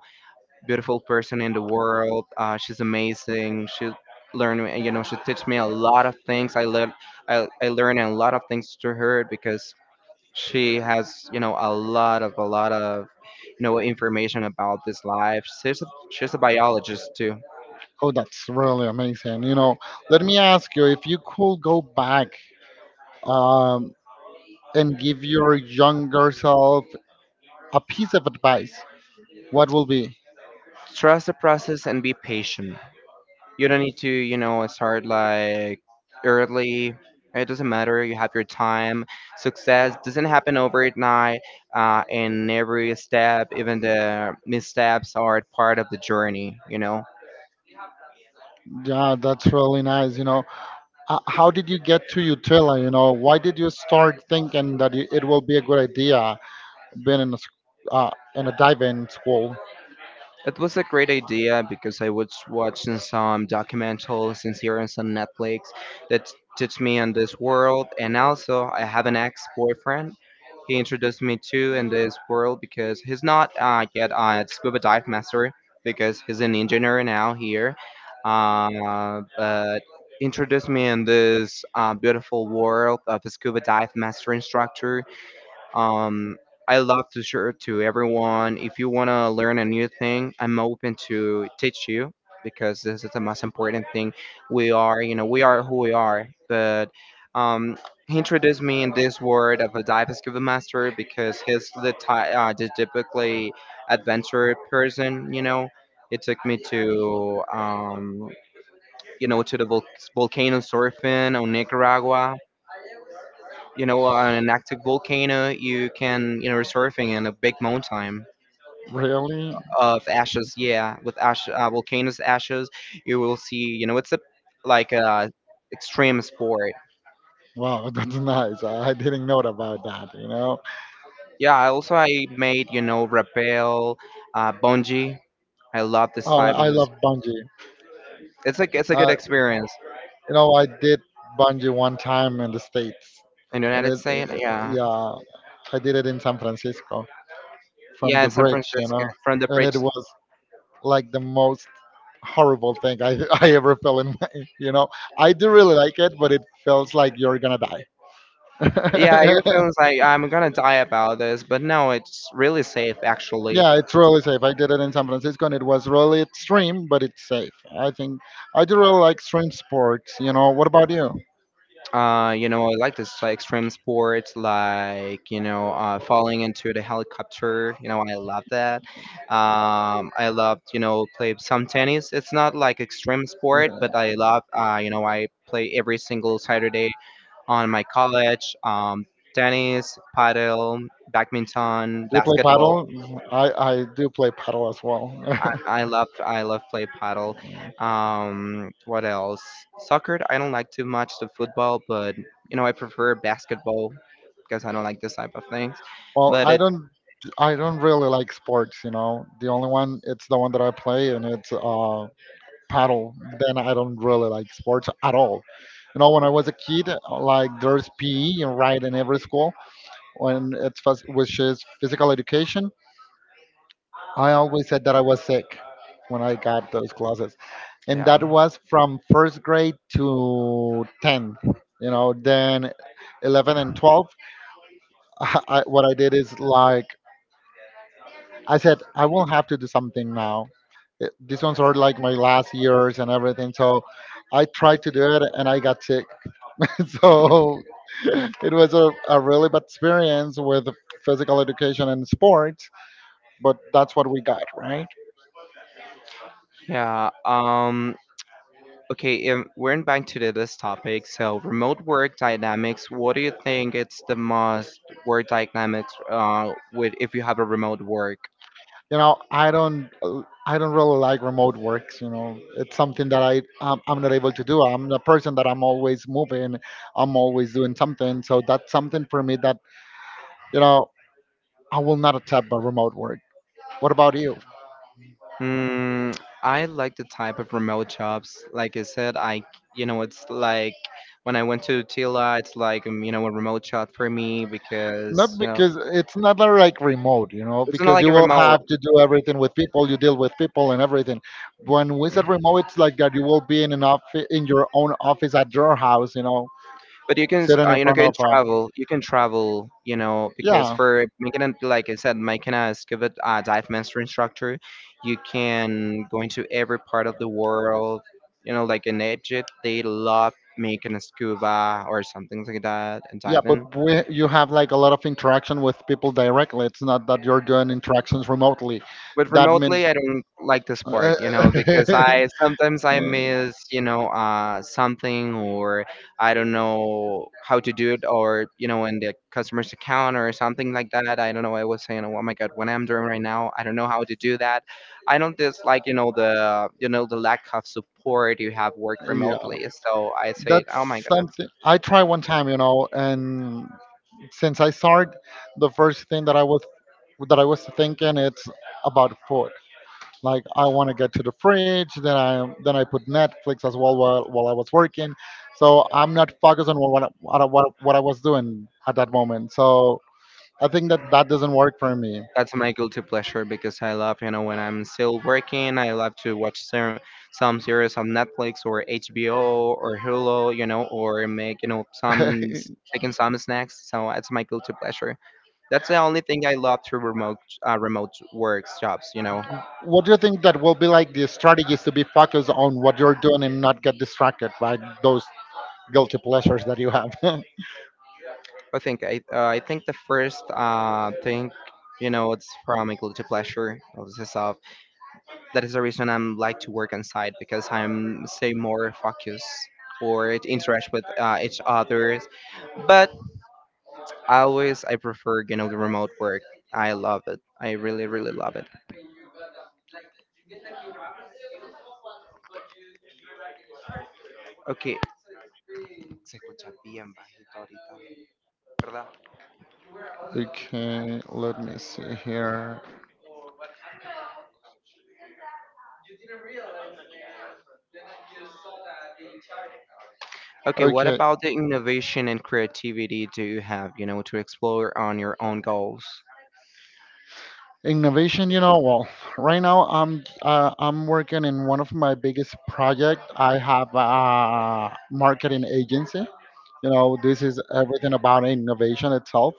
B: beautiful person in the world. She's amazing. She you know, she taught me a lot of things. I learned, I learned a lot of things through her because she has, you know, a lot of you know, information about this life. She's a biologist too.
A: Oh, that's really amazing. You know, let me ask you if you could go back um, and give your younger self a piece of advice, what will be?
B: Trust the process and be patient. You don't need to, you know, start like early. It doesn't matter. You have your time. Success doesn't happen overnight. And every step, even the missteps, are part of the journey. You know.
A: Yeah, that's really nice. You know, how did you get to Utila? You know, why did you start thinking that it will be a good idea being in a dive-in school?
B: It was a great idea because I was watching some documentaries and series on Netflix that touched me on this world. And also, I have an ex boyfriend. He introduced me to in this world because he's not, yet a scuba dive master because he's an engineer now here. But introduced me in this, beautiful world of a scuba dive master instructor. um, I love to share to everyone. If you want to learn a new thing, I'm open to teach you because this is the most important thing. We are, you know, we are who we are. But, um, he introduced me in this world of a dive scuba master because he's the, the typically adventure person, you know. It took me to, to the volcano surfing on Nicaragua. You know, on an active volcano you can, you know, surfing in a big mountain
A: Really?
B: of ashes. Yeah, with ash, volcanoes ashes. You will see, you know, it's a like a extreme sport.
A: Wow, that's nice. I didn't know about that, you know.
B: Yeah. I made, you know, rappel, bungee. I love this type
A: I
B: of,
A: love bungee.
B: it's like it's a good
A: Uh,
B: experience.
A: I did bungee one time in the States.
B: In the
A: And
B: United
A: it,
B: States, yeah.
A: yeah, I did it in San Francisco from
B: Yeah, in
A: the
B: San
A: bridge, you
B: Francisco
A: know.
B: from the
A: And it
B: bridge.
A: was like the most horrible thing I, I ever fell in. You know, I do really like it, but it feels like you're gonna die.
B: Yeah, your feelings like I'm gonna die about this, but no, it's really safe actually.
A: Yeah, it's really safe. I did it in San Francisco, and it was really extreme, but it's safe. I think I do really like extreme sports. You know, what about you?
B: You know, I like this like, extreme sports, like, you know, falling into the helicopter. You know, I love that. I loved, you know, play some tennis. It's not like extreme sport,
A: Do
B: but I love. You know, I play every single Saturday on my college. Tennis, paddle, badminton,
A: you play
B: basketball.
A: paddle? I I do play paddle as well.
B: I, I love play paddle. What else? Soccer. I don't like too much the football, but you know I prefer basketball because I don't like this type of things.
A: Well,
B: But
A: I
B: it,
A: don't. I don't really like sports, you know. The only one, it's the one that I play, and it's paddle. Then I don't really like sports at all. You know, when I was a kid, like there's PE and right in every school, when it's which is physical education. I always said that I was sick when I got those classes, and
B: yeah.
A: that was from first grade to 10th. You know, then 11 and 12. What I did is like I said, I will have to do something now these ones are like my last years and everything. So I tried to do it and I got sick. So it was a really bad experience with physical education and sports, but that's what we got, right?
B: Yeah. Okay, we're back to this topic. So remote work dynamics. What do you think it's the most work dynamics with if you have a remote work?
A: You know, I don't really like remote works, you know. It's something that I'm not able to do. I'm a person that I'm always moving. I'm always doing something, so that's something for me that, you know, I will not accept a remote work. What about you?
B: Mm, I like the type of remote jobs. Like I said, you know, it's like when I went to Tila, it's like, you know, a remote job for me
A: Not
B: because, you know,
A: because it's not like remote, you know,
B: it's not
A: because
B: like
A: you
B: a
A: will
B: remote,
A: have to do everything with people, you deal with people and everything. When we said remote, it's like that you will be in an office in your own office at your house, you know,
B: but you can,
A: sitting in
B: you know,
A: front of a.
B: can travel, you know, because
A: Yeah,
B: for making it, like I said, making a scuba, dive master instructor, you can go into every part of the world, you know, like in Egypt, they love making a scuba or something like that and
A: yeah.
B: diving.
A: But we, you have like a lot of interaction with people directly. It's not that you're doing interactions remotely.
B: But
A: That means
B: remotely, I don't like this part, you know, because I sometimes I miss, you know, something or I don't know how to do it, or you know, in the customer's account or something like that. I don't know. I was saying, oh my god, what I'm doing right now, I don't know how to do that. I don't dislike, you know the lack of support you have work
A: yeah,
B: remotely. So I say, oh my
A: that's
B: god.
A: something I tried one time, you know, and since I started, the first thing that I was thinking it's about food. Like I want to get to the fridge, then I put Netflix as well while I was working. So I'm not focused on what I was doing at that moment. So I think that that doesn't work for me.
B: That's my guilty pleasure because I love, you know, when I'm still working, I love to watch some series on Netflix or HBO or Hulu, you know, or make, you know, taking some snacks. So that's my guilty pleasure. That's the only thing I love to remote, remote works jobs, you know.
A: What do you think that will be like the strategies to be focused on what you're doing and not get distracted by those guilty pleasures that you have?
B: I think I think the first thing, you know, it's from my guilty pleasure. This is That is the reason I'm like to work on site because I'm say more focused or it interact with, each others. But I prefer, you know, the remote work. I love it. I really really love it. Okay, se escucha bien bajito ahorita, ¿verdad?
A: Okay, let me see here.
B: Okay, what
A: Okay,
B: about the innovation and creativity do you have, you know, to explore on your own goals?
A: innovation, you know, well, right now I'm working in one of my biggest project. I have a marketing agency. You know, this is everything about innovation itself.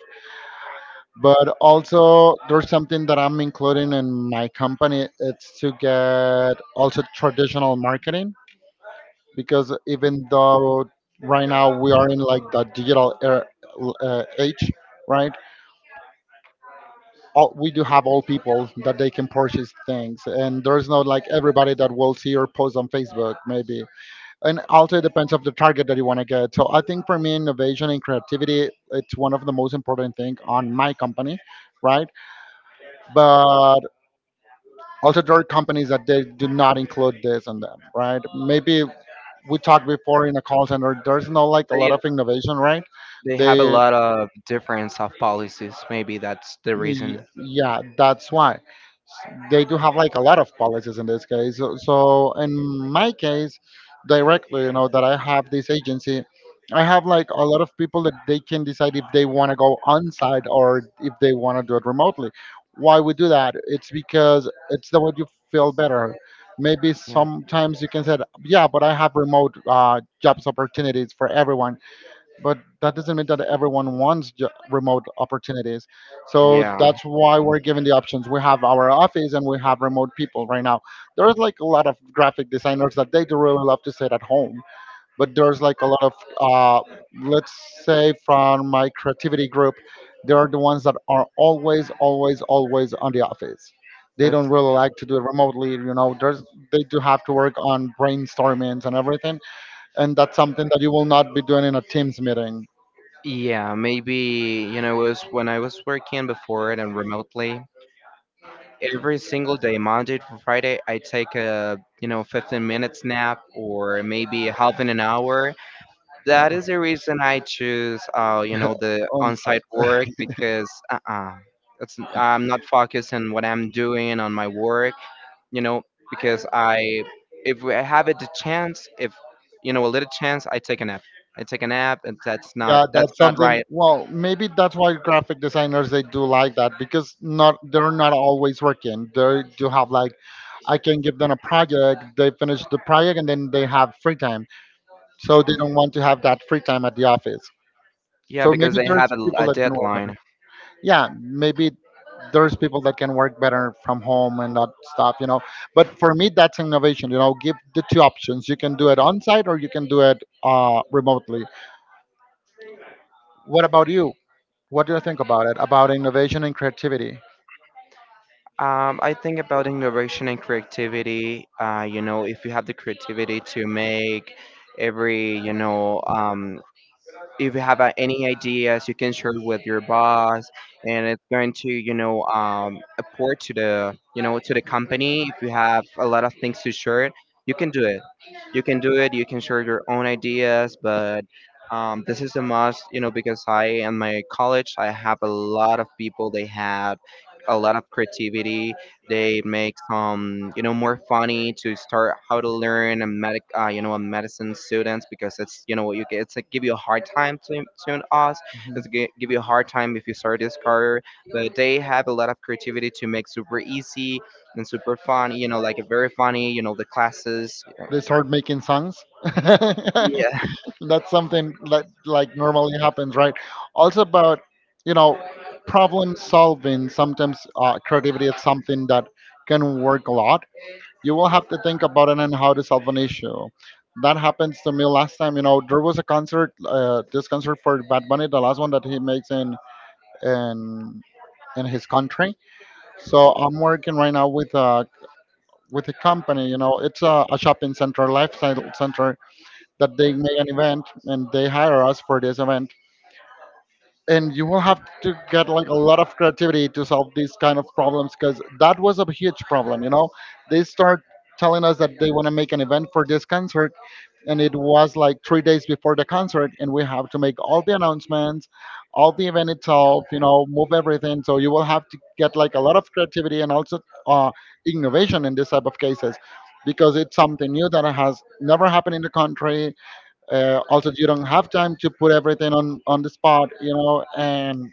A: But also, there's something that I'm including in my company. It's to get also traditional marketing because even though right now we are in like the digital era, age, right? We do have all people that they can purchase things, and there's no like everybody that will see your post on Facebook maybe. And also it depends of the target that you want to get. So I think for me innovation and creativity it's one of the most important thing on my company, right? But also there are companies that they do not include this in them, right? Maybe we talked before in a call center there's no like a lot
B: They
A: of innovation, right?
B: they have a
A: they
B: lot of difference of policies. Maybe that's the
A: Y-
B: reason.
A: Yeah, that's why they do have like a lot of policies in this case. So in my case, directly, you know, that I have this agency, I have like a lot of people that they can decide if they want to go on site or if they want to do it remotely. Why we do that? It's because it's the way you feel better. Maybe
B: Yeah.
A: sometimes you can say, yeah, but I have remote jobs opportunities for everyone, but that doesn't mean that everyone wants remote opportunities. So
B: Yeah.
A: that's why we're given the options. We have our office and we have remote people right now. There's like a lot of graphic designers that they do really love to sit at home, but there's like a lot of, uh, let's say, from my creativity group, they are the ones that are always, always, always on the office. They
B: That's
A: don't really like to do it remotely, you know. There's They do have to work on brainstormings and everything, and that's something that you will not be doing in a Teams meeting.
B: yeah, maybe you know, it was when I was working before it and remotely. Every single day, Monday to Friday, I take a you know 15 minutes nap or maybe half in an hour. That is the reason I choose you know the
A: On
B: on-site
A: site.
B: work because it's I'm not focused on what I'm doing on my work. You know, because I, if I have it the chance, if you know a little chance, I take a nap. I take a nap, and
A: Yeah,
B: that's
A: that's
B: not
A: something.
B: right.
A: Well, maybe that's why graphic designers they do like that because not they're not always working. They do have like I can give them a project, they finish the project, and then they have free time. So they don't want to have that free time at the office.
B: Yeah,
A: So
B: because
A: maybe
B: they
A: there's
B: have
A: people
B: a
A: that can work on
B: deadline.
A: it. Yeah, maybe there's people that can work better from home and not stuff, you know. But for me, that's innovation. You know, give the two options. You can do it on site or you can do it remotely. What about you? What do you think about it? About innovation and creativity?
B: I think about innovation and creativity. You know, if you have the creativity to make every, if you have, any ideas you can share with your boss and it's going to, apport to the, to the company. If you have a lot of things to share, you can do it. You can share your own ideas. But, this is a must, you know, because I and my college, I have a lot of people, they have a lot of creativity. They make some, you know, more funny to start how to learn a medic you know, a medicine students because it's, you know, you get it's like give you a hard time to us.
A: Mhm.
B: Give you a hard time if you start this career, but they have a lot of creativity to make super easy and super fun, you know, like a very funny, you know, the classes.
A: They start making songs.
B: Yeah.
A: That's something that like normally happens, right? Also about, you know problem solving sometimes creativity is something that can work a lot. You will have to think about it and how to solve an issue. That happens to me last time, you know. There was a concert, this concert for Bad Bunny, the last one that he makes in in his country. So I'm working right now with a company, you know. It's a shopping center, lifestyle center, that they make an event and they hire us for this event. And you will have to get like a lot of creativity to solve these kind of problems, because that was a huge problem, you know. They start telling us that they want to make an event for this concert, and it was like 3 days before the concert, and we have to make all the announcements, all the event itself, you know, move everything. So you will have to get like a lot of creativity and also uh, innovation in this type of cases, because it's something new that has never happened in the country. Also, you don't have time to put everything on the spot, you know, and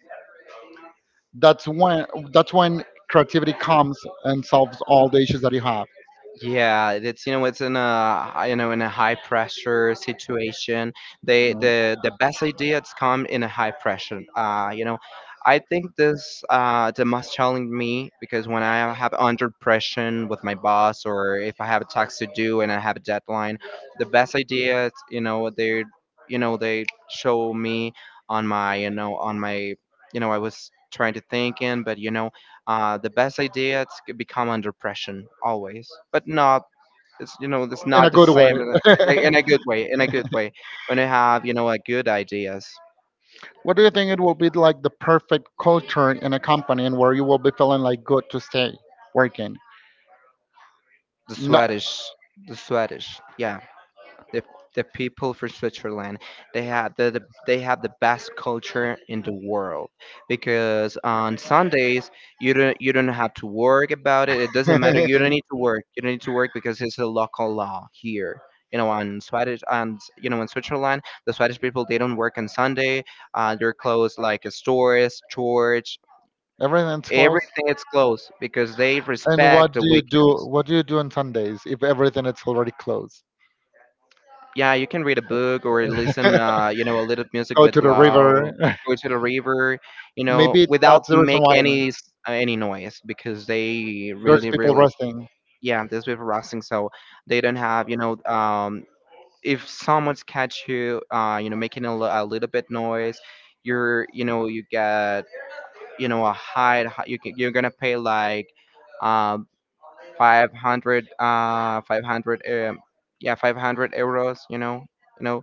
A: that's when that's when creativity comes and solves all the issues that you have.
B: Yeah, it's, you know, it's in a, you know, in a high pressure situation.
A: You know.
B: The best ideas come in a high pressure. You know, I think this, the most challenge me because when I have under pressure with my boss or if I have a task to do and I have a deadline, the best ideas, you know they show me on my, on my, you know. I was trying to think in, but you know, the best ideas become under pressure always, but not. It's, you know, it's
A: In
B: not
A: a
B: the
A: good
B: same
A: way.
B: in a good way. In a good way, when you have, you know, a good ideas,
A: What do you think it will be like the perfect culture in a company and where you will be feeling like good to stay working?
B: the
A: Not
B: Swedish, the Swedish, yeah. the the people from Switzerland they had the they have the best culture in the world because on Sundays you don't have to work about it, it doesn't matter. you don't need to work you don't need to work because it's a local law here, you know. On Swedish, and you know, in Switzerland, the Swedish people they don't work on Sunday. They're closed, like stores, church,
A: everything's closed.
B: everything is closed because they
A: And
B: respect
A: what
B: the
A: do you do?
B: weekends.
A: What do you do on Sundays if everything is already closed?
B: Yeah, you can read a book or listen you know, a little music
A: Go
B: with
A: to the
B: loud,
A: river.
B: go to the river, you know,
A: Maybe
B: without
A: that's the reason
B: make
A: why
B: any noise because they
A: there's
B: really,
A: people
B: really,
A: resting.
B: yeah, this with rusting. So they don't have, you know, if someone's catch you you know, making a little bit noise, you're you know you get, you know, a high, you can, you're gonna pay like, um 500, 500, yeah, 500 EUR, you know. You know,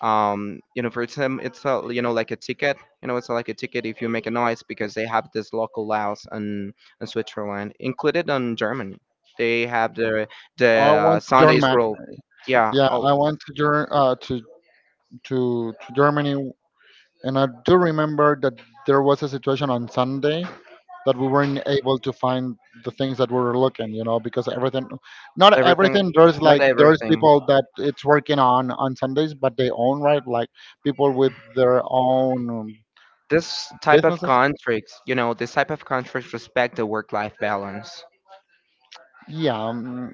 B: you know, for them, you know, like a ticket, you know. It's like a ticket if you make a noise because they have this local laws. And in Switzerland, included in Germany, they have the, the
A: I
B: uh,
A: went to
B: Sundays
A: Germany.
B: rule. Yeah,
A: Yeah,
B: all,
A: I went to to to Germany, and I do remember that there was a situation on Sunday that we weren't able to find the things that we were looking, you know, because everything, not
B: everything.
A: everything. There's
B: Not
A: like there's
B: everything.
A: people that it's working on Sundays, but they own, right? Like people with their own
B: This type of
A: businesses.
B: contracts, you know, this type of contracts respect the work life balance,
A: Yeah,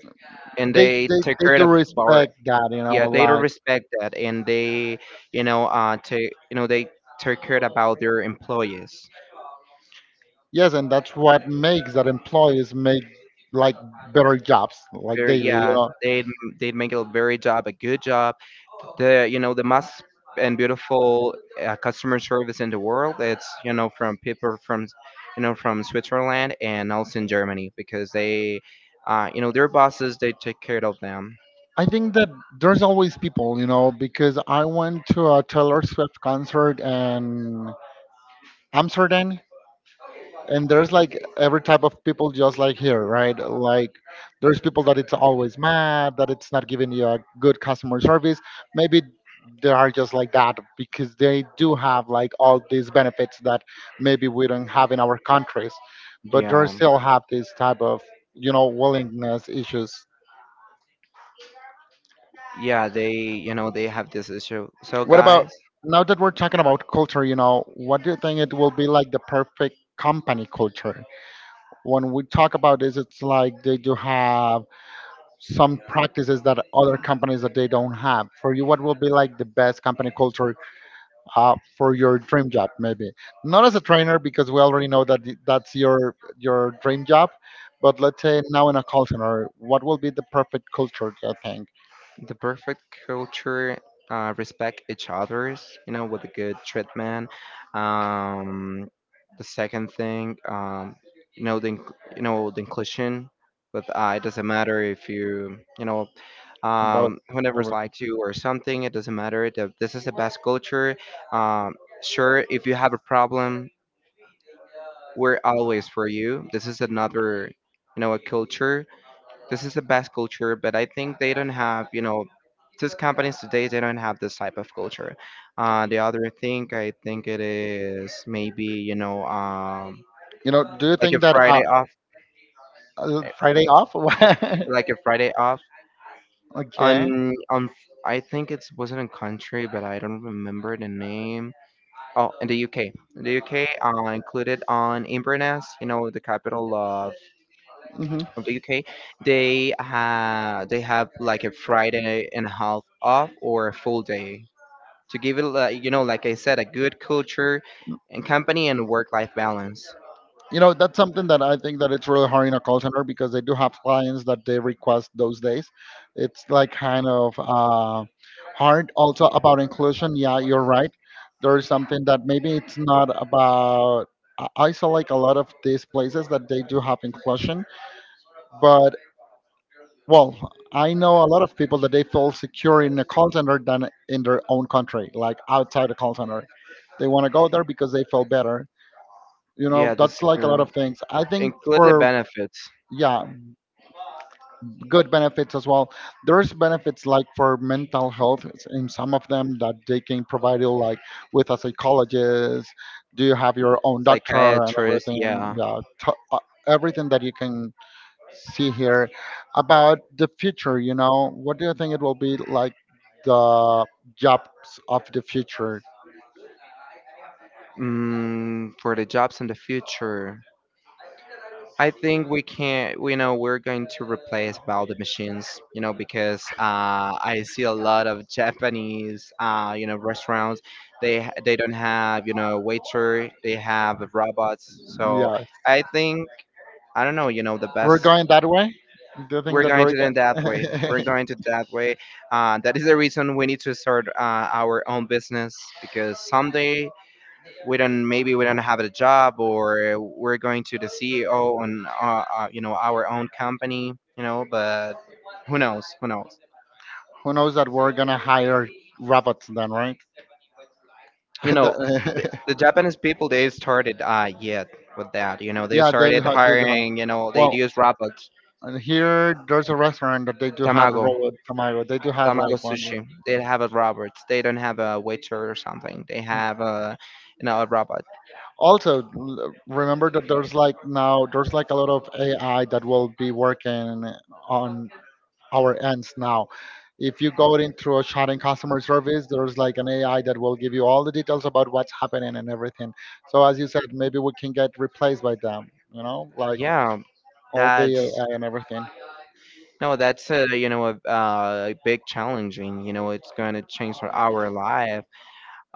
B: and
A: they,
B: they
A: they
B: take
A: they
B: care
A: do
B: of, bar,
A: respect that, you know,
B: yeah, they don't
A: like
B: respect that. And they, you know, to you know, they take care about their employees,
A: yes, and that's what makes that employees make like better jobs, like
B: very,
A: daily. You
B: yeah.
A: know?
B: They'd they'd make a very job, a good job. The, you know, the most and beautiful customer service in the world, it's, you know, from people from, you know, from Switzerland and also in Germany, because they, you know, their bosses, they take care of them.
A: I think that there's always people, you know, because I went to a Taylor Swift concert in Amsterdam, and there's like every type of people just like here, right? Like there's people that it's always mad, that it's not giving you a good customer service. Maybe they are just like that because they do have like all these benefits that maybe we don't have in our countries, but they
B: Yeah,
A: still have this type of, you know, willingness issues.
B: yeah, they, you know, they have this issue, so,
A: What about
B: guys.
A: now that we're talking about culture, you know, what do you think it will be like the perfect company culture? When we talk about this, it's like they do have some practices that other companies that they don't have. For you, what will be like the best company culture for your dream job, maybe? Not as a trainer, because we already know that that's your dream job. But let's say now in a call center, what will be the perfect culture, do you think?
B: The perfect culture, respect each other's, you know, with a good treatment. um, the second thing, you know, the you know, the inclusion, with, it doesn't matter if you, you know,
A: About
B: whoever
A: everything.
B: likes you or something, it doesn't matter, this is the best culture. um, sure, if you have a problem, we're always for you, this is another, you know, a culture. This is the best culture, but I think they don't have, you know, these companies today, they don't have this type of culture. The other thing I think it is, maybe, you know,
A: You know, do you
B: like a
A: think that
B: Friday off,
A: Friday off? What?
B: like a Friday off.
A: Okay.
B: On, I think it wasn't a country, but I don't remember the name. Oh, in the UK, in the UK, included on Inverness, you know, the capital
A: Hmm.
B: of the UK, they ha they have like a Friday and a half off, or a full day, to give it like, you know, like I said, a good culture and company, and work life balance.
A: You know, that's something that I think that it's really hard in a call center, because they do have clients that they request those days. It's like kind of hard. Also about inclusion, yeah, you're right. There is something that maybe it's not about I saw like a lot of these places that they do have inclusion, but well, I know a lot of people that they feel secure in a call center than in their own country, like outside the call center. They want to go there because they feel better. You know,
B: Yeah, the
A: that's like a lot
B: secure,
A: of things, I think.
B: include the
A: For
B: benefits.
A: yeah, good benefits as well. There's benefits like for mental health in some of them that they can provide you like with a psychologist. Do you have your own doctor and
B: Psychiatrist.
A: everything?
B: Yeah.
A: Yeah, everything that you can see here about the future. You know, what do you think it will be like the jobs of the future?
B: Mm, for the jobs in the future. I think we can't, you know, we're going to replace all the machines, you know, because I see a lot of Japanese, you know, restaurants. They they don't have, you know, a waiter. They have robots. So
A: Yeah,
B: I think, I don't know, you know, the
A: we're
B: best.
A: going that way. Do you think
B: We're
A: that
B: going to do it that way, we're
A: we
B: going to that way. That is the reason we need to start our own business, because someday we don't, maybe we don't have a job, or we're going to the CEO on you know, our own company, you know. But who knows, who knows.
A: who knows that we're gonna hire robots then, right?
B: You know,
A: The-
B: the Japanese people, they started yet with that, you know, they
A: yeah,
B: started
A: they do have.
B: hiring, you know, they
A: Well,
B: use robots.
A: and here there's a restaurant that they do have a
B: Tamago,
A: robot tomato. They do have
B: tamago
A: like one.
B: sushi, they have a robot, they don't have a waiter or something, they have a, you know, a robot,
A: Also, remember that there's like now there's like a lot of AI that will be working on our ends now. If you go into a chat in customer service, there's like an AI that will give you all the details about what's happening and everything. So as you said, maybe we can get replaced by them. You know, like
B: yeah.
A: all the
B: that's
A: AI and everything.
B: No, that's a, you know, a big challenging. You know, it's going to change for our life.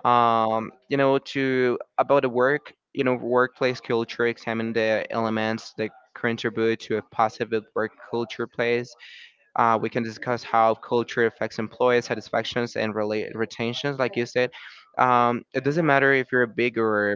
B: You know, to about the work, you know, workplace culture, examine the elements that contribute to a positive work culture place, we can discuss how culture affects employee satisfactions and relate retentions, like you said. It doesn't matter if you're a big or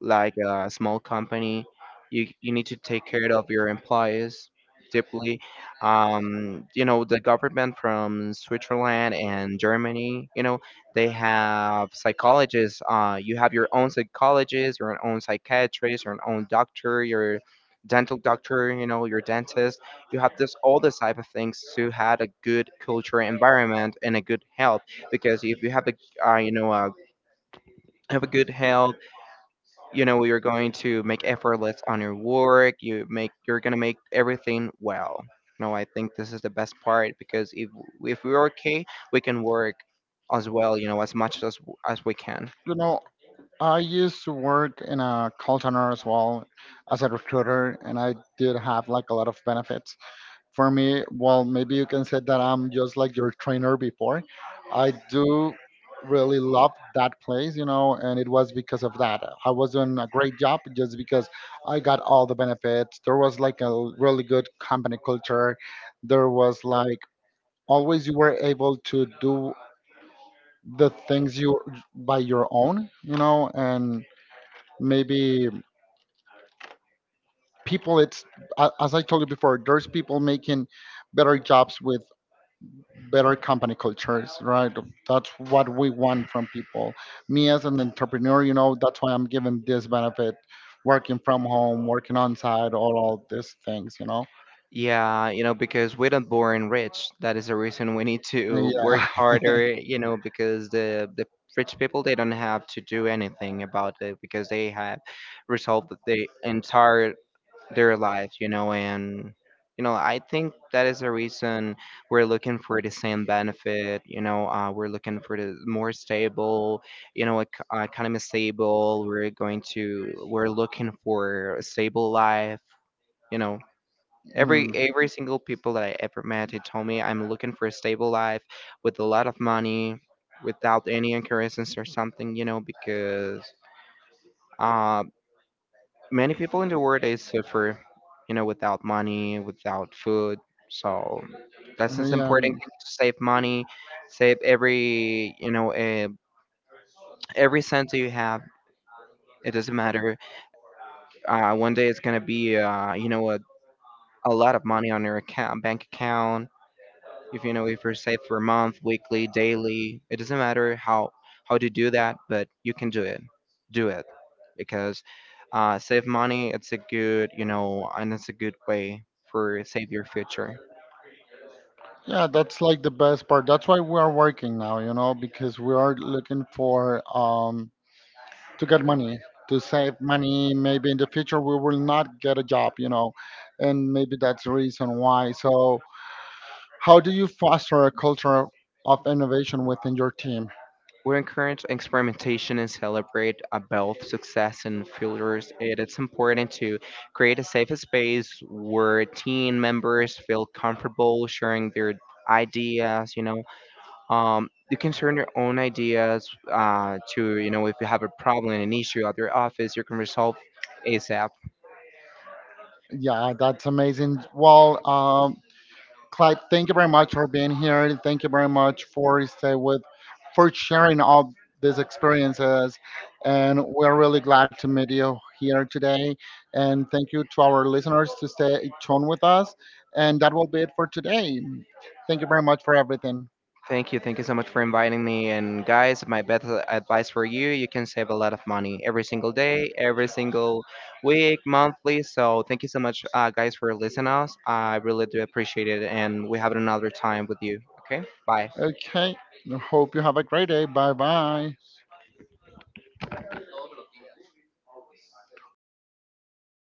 B: like a small company. You need to take care of your employees deeply. You know, the government from Switzerland and Germany. You know, they have psychologists. You have your own psychologist, your own psychiatrist, your own doctor, your dental doctor, you know, your dentist. You have this, all this type of things to have a good culture environment and a good health. Because if you have a, you know, a, have a good health, you know, you're going to make effortless on your work, you make you're going to make everything well. No, I think this is the best part, because if we're okay, we can work as well, you know, as much as we can.
A: You know, I used to work in a call center as well as a recruiter, and I did have like a lot of benefits. For me, well, maybe you can say that I'm just like your trainer before. I do really love that place, you know, and it was because of that. I was doing a great job just because I got all the benefits. There was like a really good company culture. There was like always you were able to do the things you by your own, you know, and maybe people it's as I told you before, there's people making better jobs with better company cultures, right? That's what we want from people. Me as an entrepreneur, you know, that's why I'm given this benefit, working from home, working on site, all these things, you know.
B: Yeah, you know, because we're not born rich. That is the reason we need to work
A: Yeah.
B: harder, you know, because the rich people, they don't have to do anything about it because they have resolved the entire their life, you know. And you know, I think that is the reason we're looking for the same benefit. You know, we're looking for the more stable, you know, economy stable. We're looking for a stable life. You know. Every
A: Mm.
B: every single people that I ever met, they told me, I'm looking for a stable life with a lot of money, without any incarnations or something, you know. Because, uh, many people in the world, they suffer, you know, without money, without food. So that's an
A: Yeah.
B: important
A: Mm.
B: thing, to save money, save every, you know, every cent that you have. It doesn't matter. One day it's gonna be, you know, a lot of money on your account, bank account. If you know, if you're saved for a month, weekly, daily, it doesn't matter how to do that, but you can do it. Do it. Because, save money, it's a good, you know, and it's a good way for save your future.
A: Yeah, that's like the best part. That's why we are working now, you know, because we are looking for to get money, to save money. Maybe in the future we will not get a job, you know, and maybe that's the reason why. So, how do you foster a culture of innovation within your team?
B: We encourage experimentation and celebrate both success and failures. It is important to create a safe space where team members feel comfortable sharing their ideas, you know. You can turn your own ideas, to, you know, if you have a problem, an issue at your office, you can resolve ASAP.
A: Yeah, that's amazing. Well, Clyde, thank you very much for being here. Thank you very much for stay with, for sharing all these experiences, and we're really glad to meet you here today. And thank you to our listeners to stay tuned with us. And that will be it for today. Thank you very much for everything.
B: Thank you so much for inviting me, and guys, my best advice for you, you can save a lot of money every single day, every single week, monthly. So thank you so much, guys, for listening us, I really do appreciate it, and we have another time with you, okay, bye.
A: Okay, hope you have a great day. Bye bye.